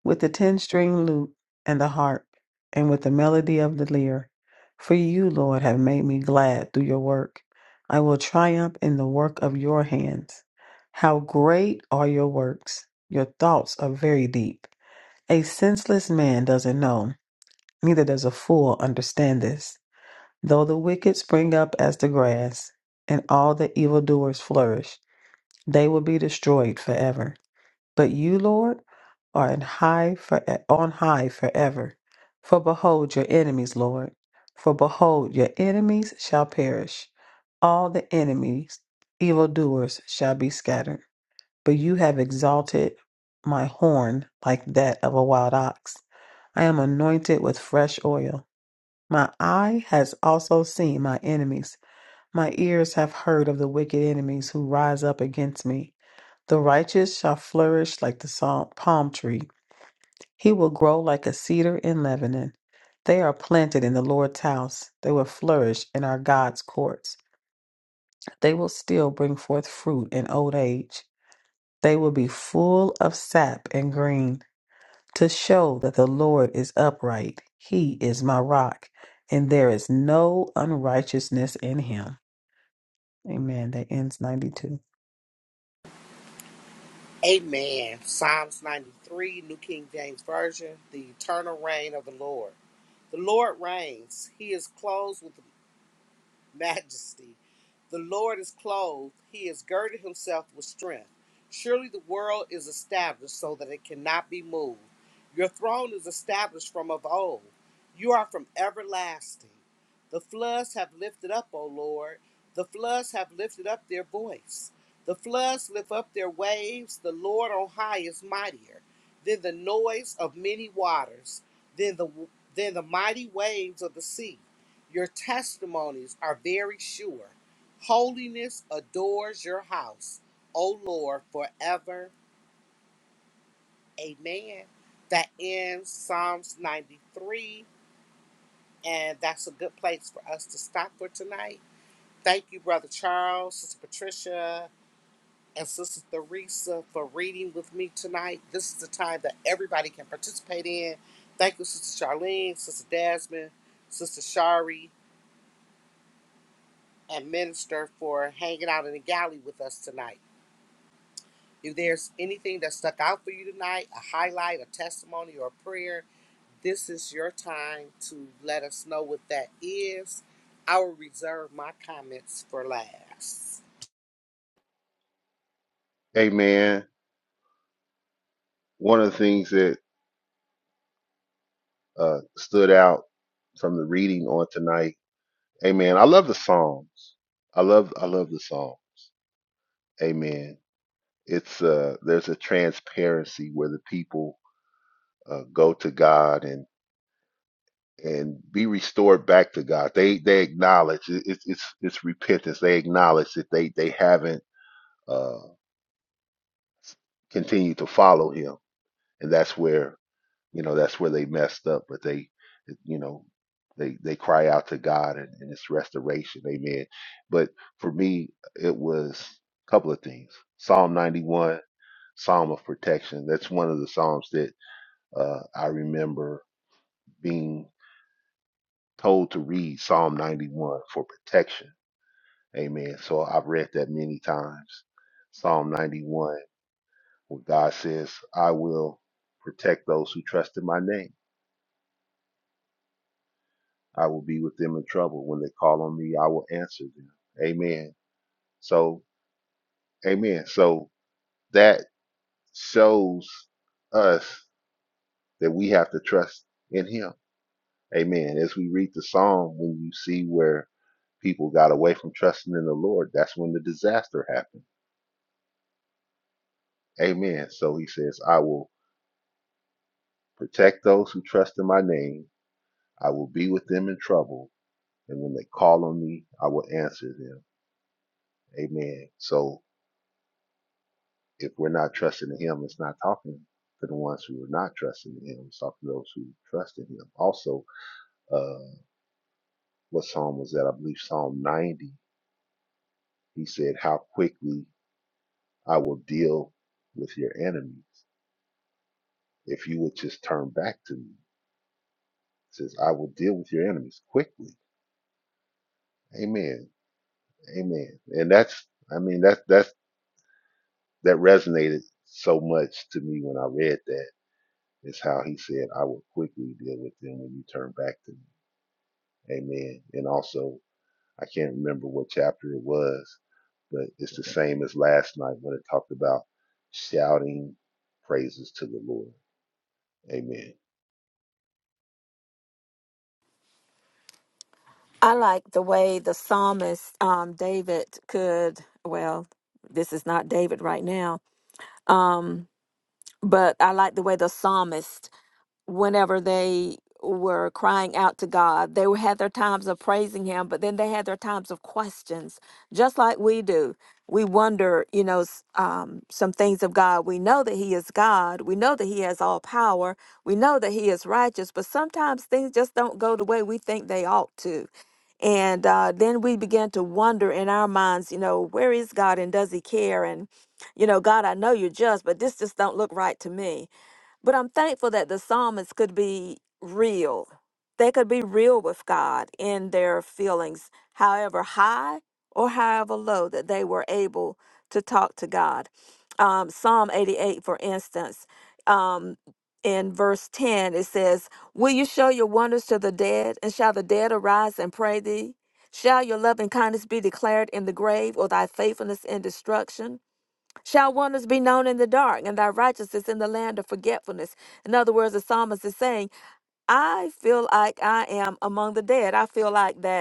with the ten string lute and the harp, and with the melody of the lyre. For you, Lord, have made me glad through your work. I will triumph in the work of your hands. How great are your works! Your thoughts are very deep. A senseless man doesn't know, neither does a fool understand this. Though the wicked spring up as the grass, and all the evildoers flourish, they will be destroyed forever. But you, Lord, are in high for, on high forever. For behold your enemies, Lord. For behold your enemies shall perish. All the enemies, evildoers, shall be scattered. But you have exalted my horn like that of a wild ox. I am anointed with fresh oil. My eye has also seen my enemies. My ears have heard of the wicked enemies who rise up against me. The righteous shall flourish like the sal- palm tree. He will grow like a cedar in Lebanon. They are planted in the Lord's house. They will flourish in our God's courts. They will still bring forth fruit in old age. They will be full of sap and green to show that the Lord is upright. He is my rock, and there is no unrighteousness in him. Amen. That ends 92.
Amen. Psalms 93, New King James Version, the eternal reign of the Lord. The Lord reigns. He is clothed with majesty. The Lord is clothed, he has girded himself with strength. Surely the world is established so that it cannot be moved. Your throne is established from of old. You are from everlasting. The floods have lifted up, O Lord. The floods have lifted up their voice. The floods lift up their waves. The Lord on high is mightier than the noise of many waters, than the than the mighty waves of the sea. Your testimonies are very sure. Holiness adores your house, O Lord, forever. Amen. That ends Psalms 93, and that's a good place for us to stop for tonight. Thank you, Brother Charles, Sister Patricia, and Sister Theresa for reading with me tonight. This is the time that everybody can participate in. Thank you, Sister Charlene, Sister Desmond, Sister Shari, and Minister for hanging out in the galley with us tonight. If there's anything that stuck out for you tonight, a highlight, a testimony, or a prayer, this is your time to let us know what that is. I will reserve my comments for last.
Amen. One of the things that uh, stood out from the reading on tonight, Amen. I love the Psalms. I love I love the Psalm. Amen. It's uh there's a transparency where the people uh, go to God and. and be restored back to God. They they acknowledge it, it's it's it's repentance. They acknowledge that they they haven't uh, continued to follow Him, and that's where you know that's where they messed up. But they you know they they cry out to God and, and it's restoration. Amen. But for me, it was a couple of things. Psalm ninety one, Psalm of protection. That's one of the psalms that uh, I remember being told to read Psalm ninety one for protection Amen. So I've read that many times. Psalm 91, where God says, I will protect those who trust in my name. I will be with them in trouble. When they call on me, I will answer them. Amen. So, amen. So that shows us that we have to trust in Him. Amen. As we read the psalm, when you see where people got away from trusting in the Lord, that's when the disaster happened. Amen. So he says, I will protect those who trust in my name. I will be with them in trouble, and when they call on me, I will answer them. Amen. So if we're not trusting in Him, it's not talking to the ones who are not trusting in Him. It's talking to those who trust in Him. Also, uh, what psalm was that? I believe Psalm 90. He said, "How quickly I will deal with your enemies if you would just turn back to me." It says, "I will deal with your enemies quickly." Amen. Amen. And that's, I mean, that's that's that resonated so much to me when I read that is how he said, I will quickly deal with them when you turn back to me. Amen. And also, I can't remember what chapter it was, but it's the same as last night when it talked about shouting praises to the Lord. Amen.
I like the way the psalmist um, David could, well, this is not David right now Um, but I like the way the psalmist, whenever they were crying out to God, they had their times of praising Him, but then they had their times of questions, just like we do. We wonder, you know, s- um, some things of God. We know that He is God. We know that He has all power. We know that He is righteous, but sometimes things just don't go the way we think they ought to and uh, then we began to wonder in our minds, you know, where is God and does he care? And, you know, God, I know you're just, but this just don't look right to me. But I'm thankful that the psalmists could be real. They could be real with God in their feelings, however high or however low that they were able to talk to God. Um, Psalm 88, for instance, um, in verse 10, it says, Will you show your wonders to the dead, and shall the dead arise and pray thee? Shall your loving kindness be declared in the grave, or thy faithfulness in destruction? Shall wonders be known in the dark, and thy righteousness in the land of forgetfulness? In other words, the psalmist is saying, I feel like I am among the dead. I feel like that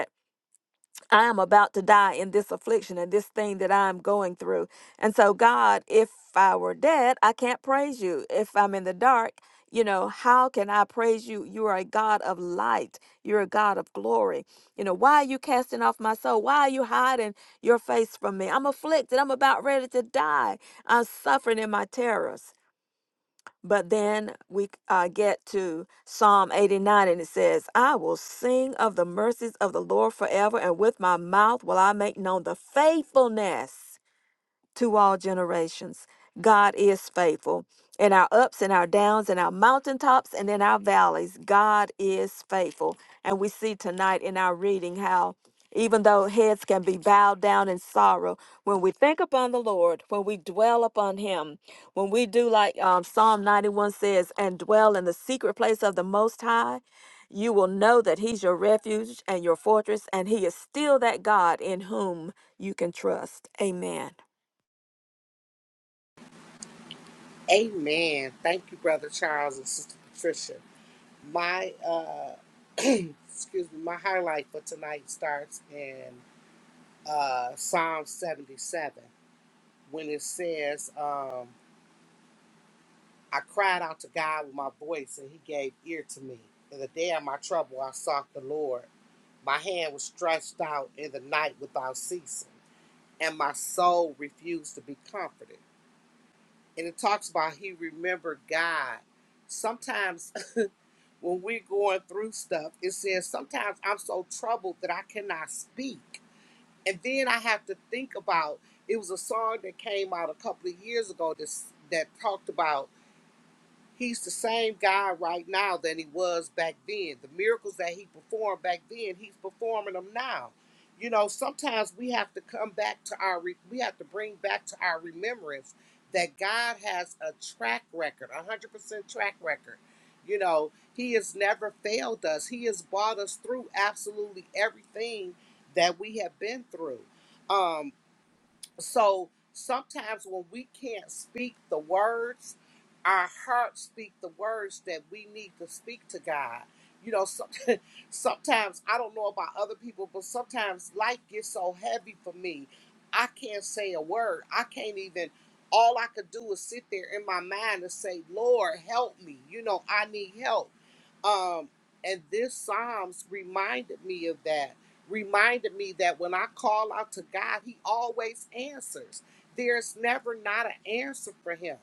I am about to die in this affliction and this thing that I'm going through. And so, God, if I were dead, I can't praise you. If I'm in the dark, you know, how can I praise you? You are a God of light. You're a God of glory. You know, why are you casting off my soul? Why are you hiding your face from me? I'm afflicted. I'm about ready to die. I'm suffering in my terrors. But then we uh, get to Psalm 89 and it says, I will sing of the mercies of the Lord forever, and with my mouth will I make known the faithfulness to all generations. God is faithful. In our ups and our downs, in our mountaintops and in our valleys, God is faithful. And we see tonight in our reading how even though heads can be bowed down in sorrow, when we think upon the Lord, when we dwell upon Him, when we do like um, Psalm 91 says, and dwell in the secret place of the Most High, you will know that He's your refuge and your fortress, and He is still that God in whom you can trust. Amen.
Amen. Thank you, Brother Charles and Sister Patricia. My uh, excuse me, my highlight for tonight starts in uh, Psalm 77 when it says, um, I cried out to God with my voice, and he gave ear to me. In the day of my trouble, I sought the Lord. My hand was stretched out in the night without ceasing, and my soul refused to be comforted. And it talks about he remembered God. Sometimes when we're going through stuff, it says, Sometimes I'm so troubled that I cannot speak. And then I have to think about it was a song that came out a couple of years ago that that talked about. He's the same guy right now that he was back then. The miracles that he performed back then, he's performing them now. You know, sometimes we have to come back to our, re- we have to bring back to our remembrance that God has a track record, a 100% track record. You know, he has never failed us. He has brought us through absolutely everything that we have been through. Um, so sometimes when we can't speak the words, our hearts speak the words that we need to speak to God. You know, Sometimes I don't know about other people, but sometimes life gets so heavy for me. I can't say a word. I can't even all I could do is sit there in my mind and say, Lord, help me. You know, I need help. Um, and this Psalms reminded me of that. Reminded me that when I call out to God, He always answers. There's never not an answer for Him.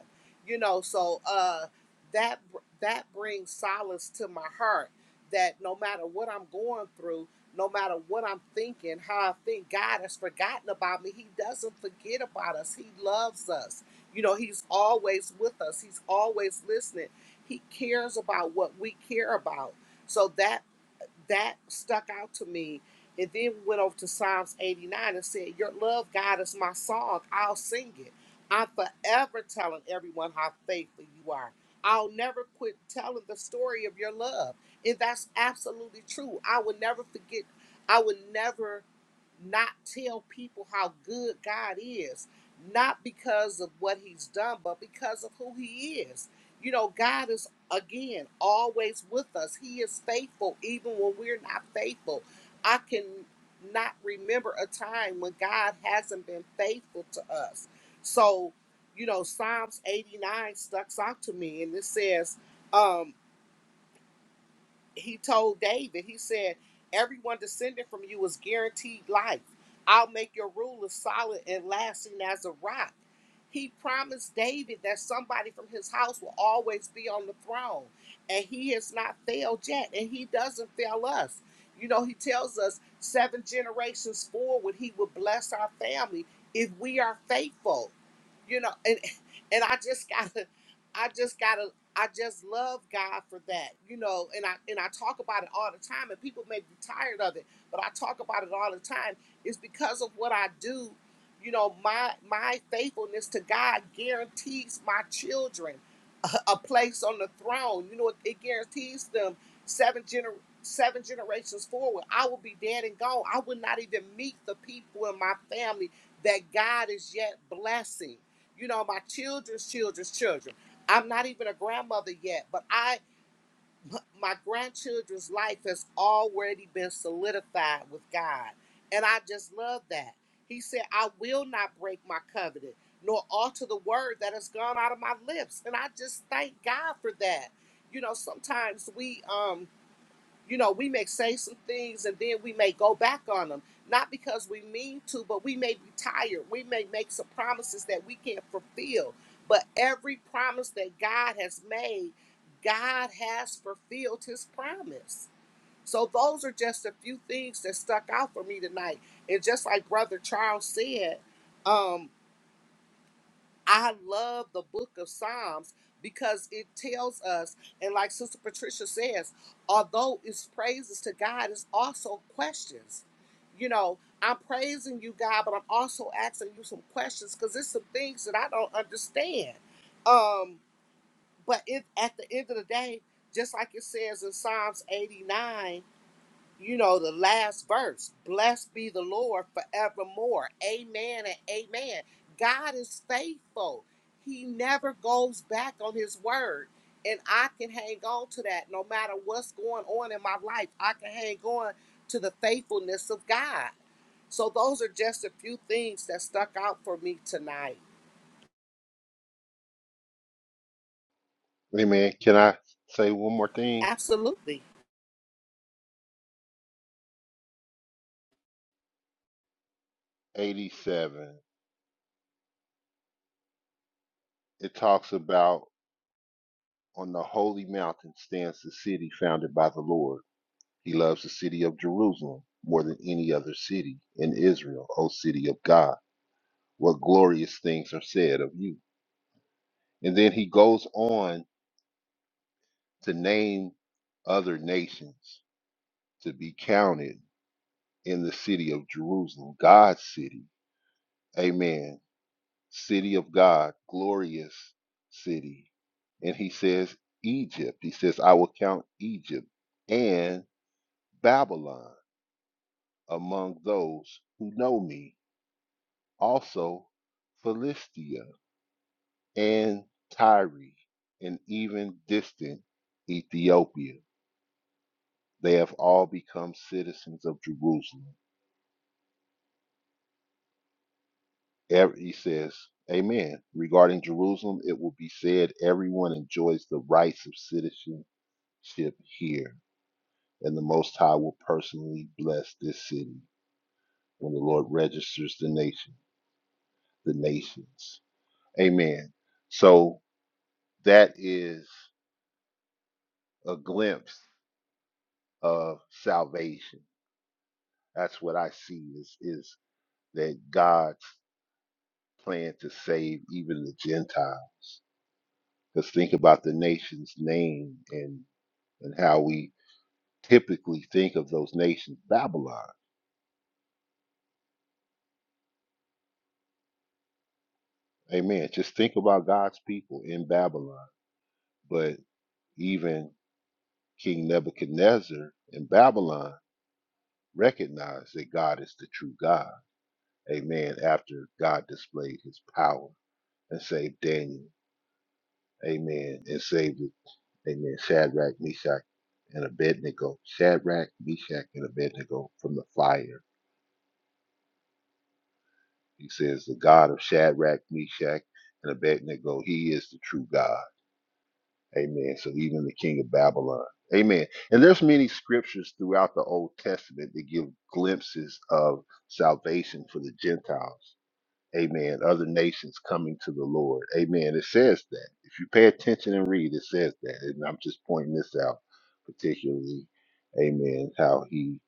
You know, so uh that that brings solace to my heart that no matter what I'm going through, no matter what I'm thinking, how I think, God has forgotten about me. He doesn't forget about us. He loves us. You know, He's always with us, He's always listening. He cares about what we care about. So that that stuck out to me. And then we went over to Psalms 89 and said, Your love, God, is my song. I'll sing it. I'm forever telling everyone how faithful you are. I'll never quit telling the story of your love. And that's absolutely true. I would never forget, I would never not tell people how good God is, not because of what he's done, but because of who he is. You know, God is again, always with us. He is faithful even when we're not faithful. I can not remember a time when God hasn't been faithful to us. So, you know, Psalms 89 stuck out to me and it says, um, he told David, he said, Everyone descended from you is guaranteed life. I'll make your rule as solid and lasting as a rock. He promised David that somebody from his house will always be on the throne. And he has not failed yet. And he doesn't fail us. You know, he tells us seven generations forward, he will bless our family if we are faithful. You know, and and I just gotta I just gotta I just love God for that, you know, and I and I talk about it all the time, and people may be tired of it, but I talk about it all the time. It's because of what I do, you know, my my faithfulness to God guarantees my children a a place on the throne. You know, it, it guarantees them seven gener- seven generations forward. I will be dead and gone. I will not even meet the people in my family that God is yet blessing. You know, my children's children's children. I'm not even a grandmother yet, but I my grandchildren's life has already been solidified with God. And I just love that. He said, I will not break my covenant, nor alter the word that has gone out of my lips. And I just thank God for that. You know, sometimes we um you know, we may say some things and then we may go back on them, not because we mean to, but we may be tired. We may make some promises that we can't fulfill. But every promise that God has made, God has fulfilled his promise. So those are just a few things that stuck out for me tonight. And just like Brother Charles said, um, I love the book of Psalms because it tells us, and like Sister Patricia says, although it's praises to God, it's also questions. You know, I'm praising you, God, but I'm also asking you some questions because there's some things that I don't understand. Um, but it, at the end of the day, just like it says in Psalms 89, you know, the last verse Blessed be the Lord forevermore. Amen and amen. God is faithful, He never goes back on His word. And I can hang on to that no matter what's going on in my life. I can hang on to the faithfulness of God. So, those are just a few things that stuck out for me tonight.
Amen. Can I say one more thing?
Absolutely.
87. It talks about on the holy mountain stands the city founded by the Lord He loves the city of Jerusalem more than any other city in Israel, O city of God. What glorious things are said of you. And then he goes on to name other nations to be counted in the city of Jerusalem, God's city. Amen. City of God, glorious city. And he says, Egypt. He says, I will count Egypt and Babylon among those who know me. also Philistia and Tyre, and even distant Ethiopia. They have all become citizens of Jerusalem. Every, he says, Amen. Regarding Jerusalem, it will be said, everyone enjoys the rights of citizenship here, and the Most High will personally bless this city when the Lord registers the nation, the nations. Amen. So that is a glimpse of salvation. That's what I see is is that God's plan to save even the Gentiles. Because think about the nation's name and and how we typically think of those nations, Babylon. Amen. Just think about God's people in Babylon. But even King Nebuchadnezzar in Babylon recognized that God is the true God. Amen. After God displayed his power and saved Daniel. Amen. And saved the Amen. Shadrach, Meshach, and Abednego. Shadrach, Meshach, and Abednego from the fire. He says, The God of Shadrach, Meshach, and Abednego, he is the true God. Amen. So even the king of Babylon. Amen. And there's many scriptures throughout the Old Testament that give glimpses of salvation for the Gentiles. Amen. Other nations coming to the Lord. Amen. It says that. If you pay attention and read, it says that. And I'm just pointing this out particularly. Amen. How he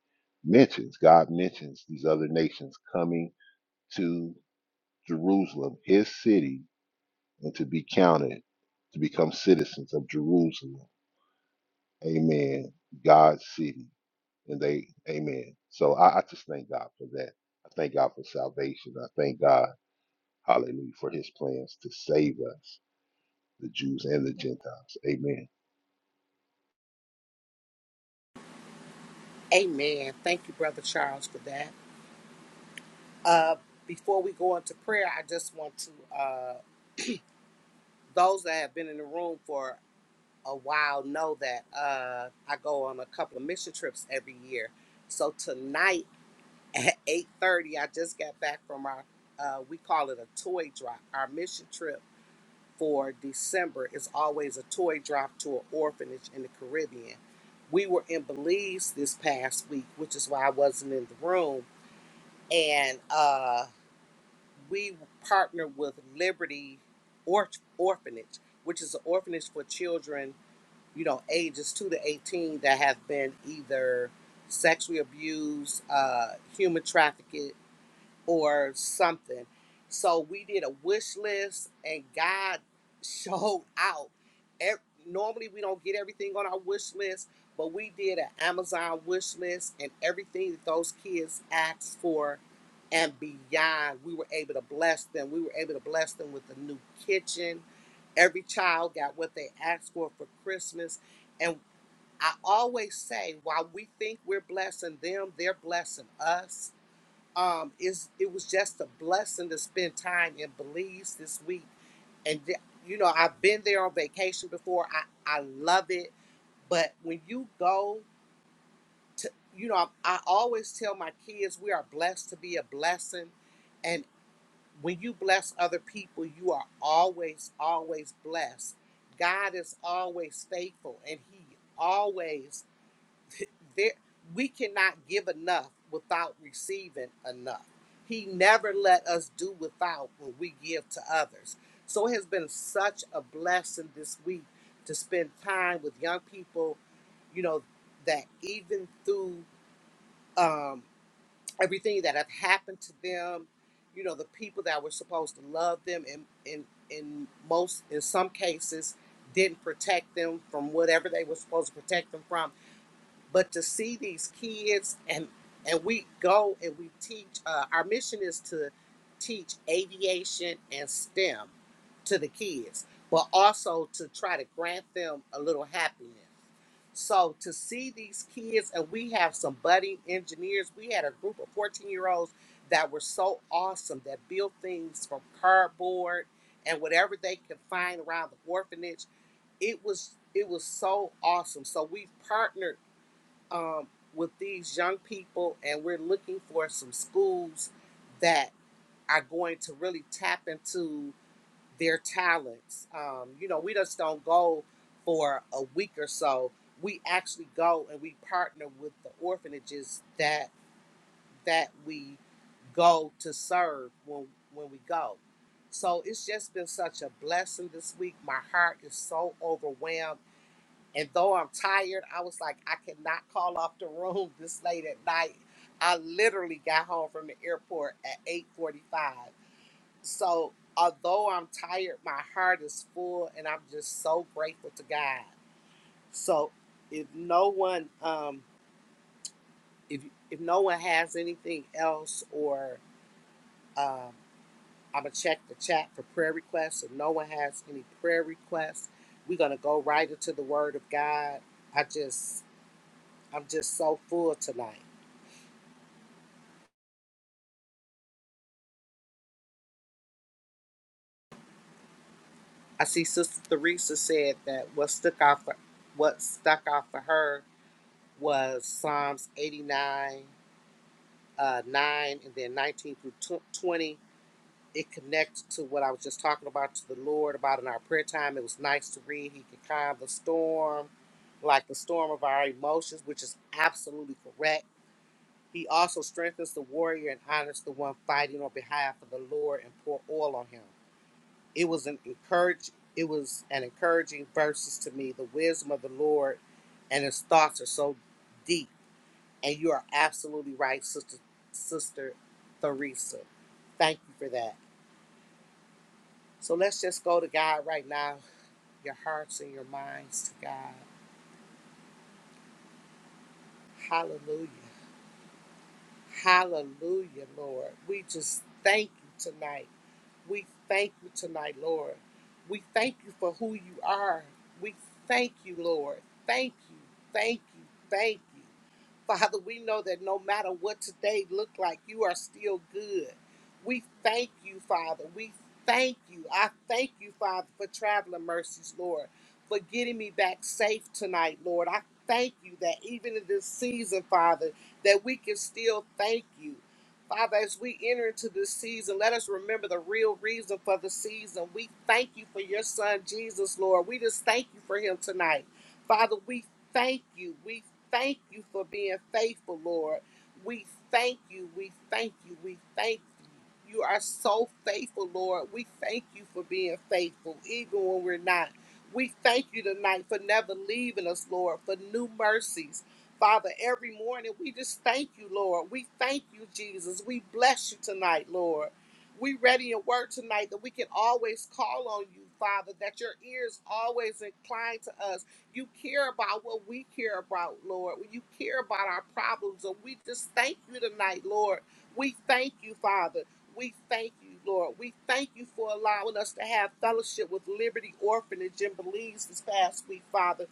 mentions, God mentions these other nations coming to Jerusalem, his city, and to be counted, to become citizens of Jerusalem. Amen. God's city. And they, amen. So I, I just thank God for that. I thank God for salvation. I thank God. Hallelujah. For his plans to save us, the Jews and the Gentiles. Amen.
Amen. Thank you, Brother Charles, for that. Uh, before we go into prayer, I just want to. uh, those that have been in the room for a while know that uh, I go on a couple of mission trips every year. So tonight at 8:30, I just got back from our uh, we call it a toy drop. Our mission trip for December is always a toy drop to an orphanage in the Caribbean. We were in Belize this past week, which is why I wasn't in the room, and. uh, we partner with Liberty or- Orphanage, which is an orphanage for children, you know, ages two to eighteen that have been either sexually abused, uh, human trafficked, or something. So we did a wish list, and God showed out. Ev- Normally, we don't get everything on our wish list, but we did an Amazon wish list, and everything that those kids asked for and beyond, we were able to bless them. We were able to bless them with a new kitchen. Every child got what they asked for for Christmas. And I always say, while we think we're blessing them, they're blessing us um is it was just a blessing to spend time in Belize this week and th- you know I've been there on vacation before I I love it but when you go to you know I, I always tell my kids we are blessed to be a blessing and when you bless other people you are always always blessed God is always faithful and he always there we cannot give enough without receiving enough. He never let us do without when we give to others. So it has been such a blessing this week to spend time with young people, you know, that even through um, everything that have happened to them, you know, the people that were supposed to love them and in, in, in most in some cases didn't protect them from whatever they were supposed to protect them from but to see these kids and and we go and we teach uh, our mission is to teach aviation and stem to the kids but also to try to grant them a little happiness so to see these kids and we have some budding engineers we had a group of 14 year olds that were so awesome that built things from cardboard and whatever they could find around the orphanage it was it was so awesome so we partnered um, with these young people, and we're looking for some schools that are going to really tap into their talents. Um, you know, we just don't go for a week or so. We actually go and we partner with the orphanages that that we go to serve when when we go. So it's just been such a blessing this week. My heart is so overwhelmed and though I'm tired, I was like, I cannot call off the room this late at night. I literally got home from the airport at 8:45. So although I'm tired, my heart is full and I'm just so grateful to God. So if no one um if if no one has anything else or um I'm gonna check the chat for prayer requests. If no one has any prayer requests, we're gonna go right into the word of God. I just I'm just so full tonight. I see Sister Theresa said that what stuck out for what stuck out for her was Psalms 89, uh, 9, and then 19 through tw- 20. It connects to what I was just talking about to the Lord about in our prayer time. It was nice to read. He could calm the storm, like the storm of our emotions, which is absolutely correct. He also strengthens the warrior and honors the one fighting on behalf of the Lord and pour oil on him. It was an encourage. It was an encouraging verses to me. The wisdom of the Lord and His thoughts are so deep. And you are absolutely right, sister, sister Theresa. Thank you for that. So let's just go to God right now. Your hearts and your minds to God. Hallelujah. Hallelujah, Lord. We just thank you tonight. We thank you tonight, Lord. We thank you for who you are. We thank you, Lord. Thank you, thank you, thank you. Father, we know that no matter what today looked like, you are still good. We thank you, Father. We thank you. I thank you, Father, for traveling mercies, Lord, for getting me back safe tonight, Lord. I thank you that even in this season, Father, that we can still thank you. Father, as we enter into this season, let us remember the real reason for the season. We thank you for your son, Jesus, Lord. We just thank you for him tonight. Father, we thank you. We thank you for being faithful, Lord. We thank you. We thank you. We thank you. You are so faithful, Lord. We thank you for being faithful, even when we're not. We thank you tonight for never leaving us, Lord, for new mercies. Father, every morning we just thank you, Lord. We thank you, Jesus. We bless you tonight, Lord. We ready your word tonight that we can always call on you, Father, that your ears always inclined to us. You care about what we care about, Lord. You care about our problems. And we just thank you tonight, Lord. We thank you, Father. We thank you, Lord. We thank you for allowing us to have fellowship with Liberty Orphanage in Belize this past week, Father.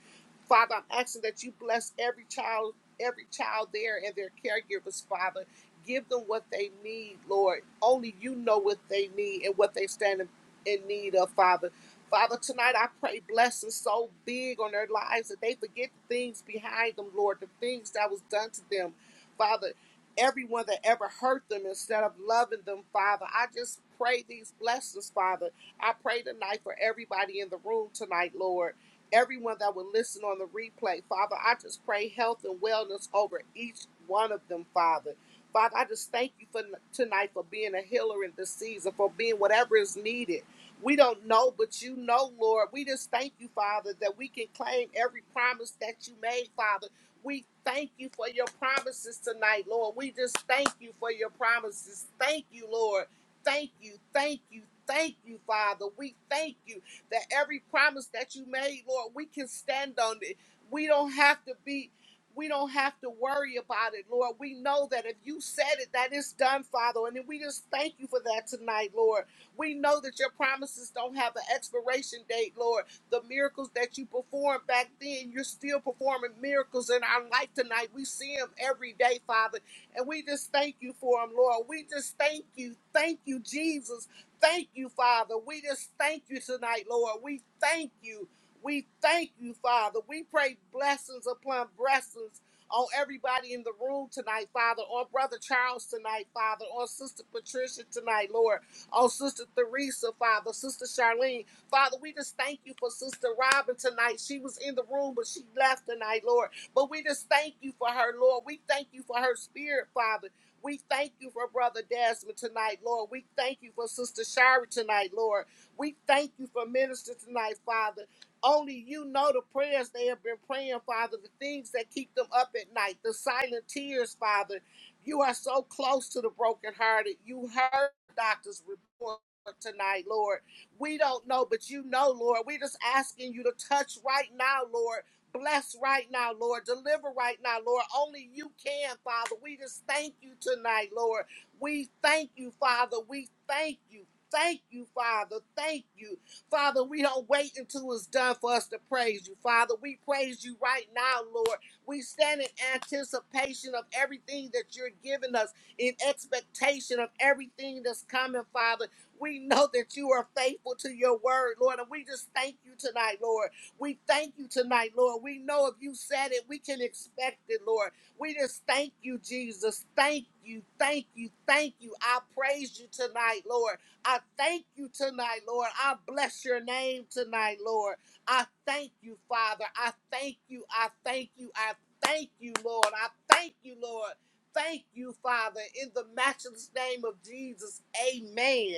Father, I'm asking that you bless every child, every child there and their caregivers, Father. Give them what they need, Lord. Only you know what they need and what they stand in, in need of, Father. Father, tonight I pray blessings so big on their lives that they forget the things behind them, Lord, the things that was done to them. Father, everyone that ever hurt them instead of loving them, Father. I just pray these blessings, Father. I pray tonight for everybody in the room tonight, Lord everyone that will listen on the replay. Father, I just pray health and wellness over each one of them, Father. Father, I just thank you for tonight for being a healer in this season, for being whatever is needed. We don't know, but you know, Lord. We just thank you, Father, that we can claim every promise that you made, Father. We thank you for your promises tonight, Lord. We just thank you for your promises. Thank you, Lord. Thank you, thank you, thank you, Father. We thank you that every promise that you made, Lord, we can stand on it. We don't have to be we don't have to worry about it, Lord. We know that if you said it, that it's done, Father. And then we just thank you for that tonight, Lord. We know that your promises don't have an expiration date, Lord. The miracles that you performed back then, you're still performing miracles in our life tonight. We see them every day, Father. And we just thank you for them, Lord. We just thank you. Thank you, Jesus thank you, Father. We just thank you tonight, Lord. We thank you. We thank you, Father. We pray blessings upon blessings on everybody in the room tonight, Father, on Brother Charles tonight, Father, on Sister Patricia tonight, Lord, on Sister Theresa, Father, Sister Charlene. Father, we just thank you for Sister Robin tonight. She was in the room, but she left tonight, Lord. But we just thank you for her, Lord. We thank you for her spirit, Father. We thank you for Brother Desmond tonight, Lord. We thank you for Sister Shari tonight, Lord. We thank you for Minister tonight, Father. Only you know the prayers they have been praying, Father, the things that keep them up at night, the silent tears, Father. You are so close to the brokenhearted. You heard the doctor's report tonight, Lord. We don't know, but you know, Lord. We're just asking you to touch right now, Lord. Bless right now, Lord. Deliver right now, Lord. Only you can, Father. We just thank you tonight, Lord. We thank you, Father. We thank you. Thank you, Father. Thank you. Father, we don't wait until it's done for us to praise you, Father. We praise you right now, Lord. We stand in anticipation of everything that you're giving us, in expectation of everything that's coming, Father. We know that you are faithful to your word, Lord, and we just thank you tonight, Lord. We thank you tonight, Lord. We know if you said it, we can expect it, Lord. We just thank you, Jesus. Thank you, thank you, thank you. I praise you tonight, Lord. I thank you tonight, Lord. I bless your name tonight, Lord. I thank you, Father. I thank you, I thank you, I thank you, Lord. I thank you, Lord. Thank you, Father, in the matchless name of Jesus. Amen.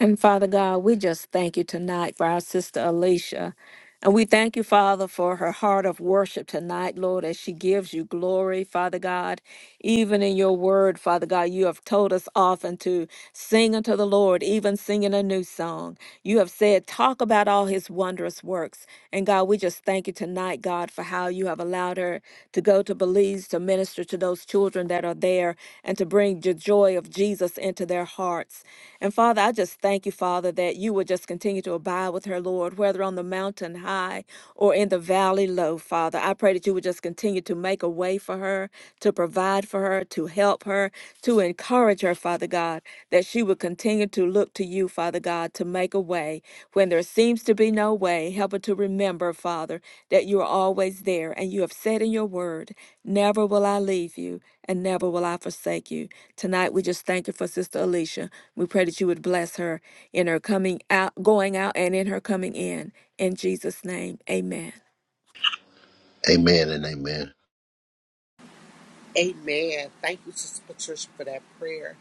And Father God, we just thank you tonight for our sister Alicia. And we thank you, Father, for her heart of worship tonight, Lord, as she gives you glory, Father God. Even in your word, Father God, you have told us often to sing unto the Lord, even singing a new song. You have said, talk about all his wondrous works. And God, we just thank you tonight, God, for how you have allowed her to go to Belize to minister to those to those children that are there and to bring the joy of Jesus into their hearts. And Father, I just thank you, Father, that you would just continue to abide with her, Lord, whether on the mountain high or in the valley low, Father. I pray that you would just continue to make a way for her, to provide for her, to help her, to encourage her, Father God, that she would continue to look to you, Father God, to make a way when there seems to be no way. Help her to remember, Father, that you are always there and you have said in your word. Never will I leave you, and never will I forsake you. Tonight, we just thank you for Sister Alicia. We pray that you would bless her in her coming out, going out, and in her coming in. In Jesus' name, amen.
Amen and amen.
Amen. Thank you, Sister Patricia, for that prayer.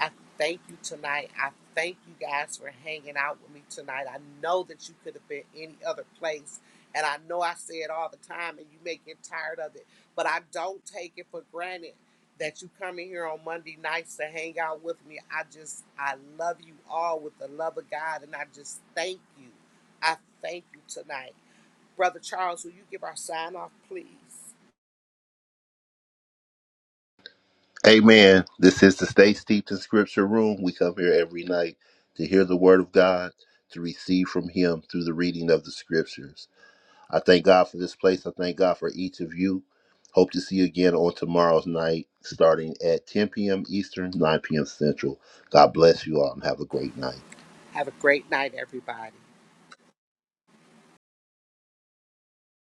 I thank you tonight. I thank you guys for hanging out with me tonight. I know that you could have been any other place. And I know I say it all the time and you may get tired of it, but I don't take it for granted that you come in here on Monday nights to hang out with me. I just, I love you all with the love of God and I just thank you. I thank you tonight. Brother Charles, will you give our sign off, please?
Amen. This is the Stay Steeped in Scripture Room. We come here every night to hear the Word of God, to receive from Him through the reading of the Scriptures. I thank God for this place. I thank God for each of you. Hope to see you again on tomorrow's night, starting at 10 p.m. Eastern, 9 p.m. Central. God bless you all and have a great night.
Have a great night, everybody.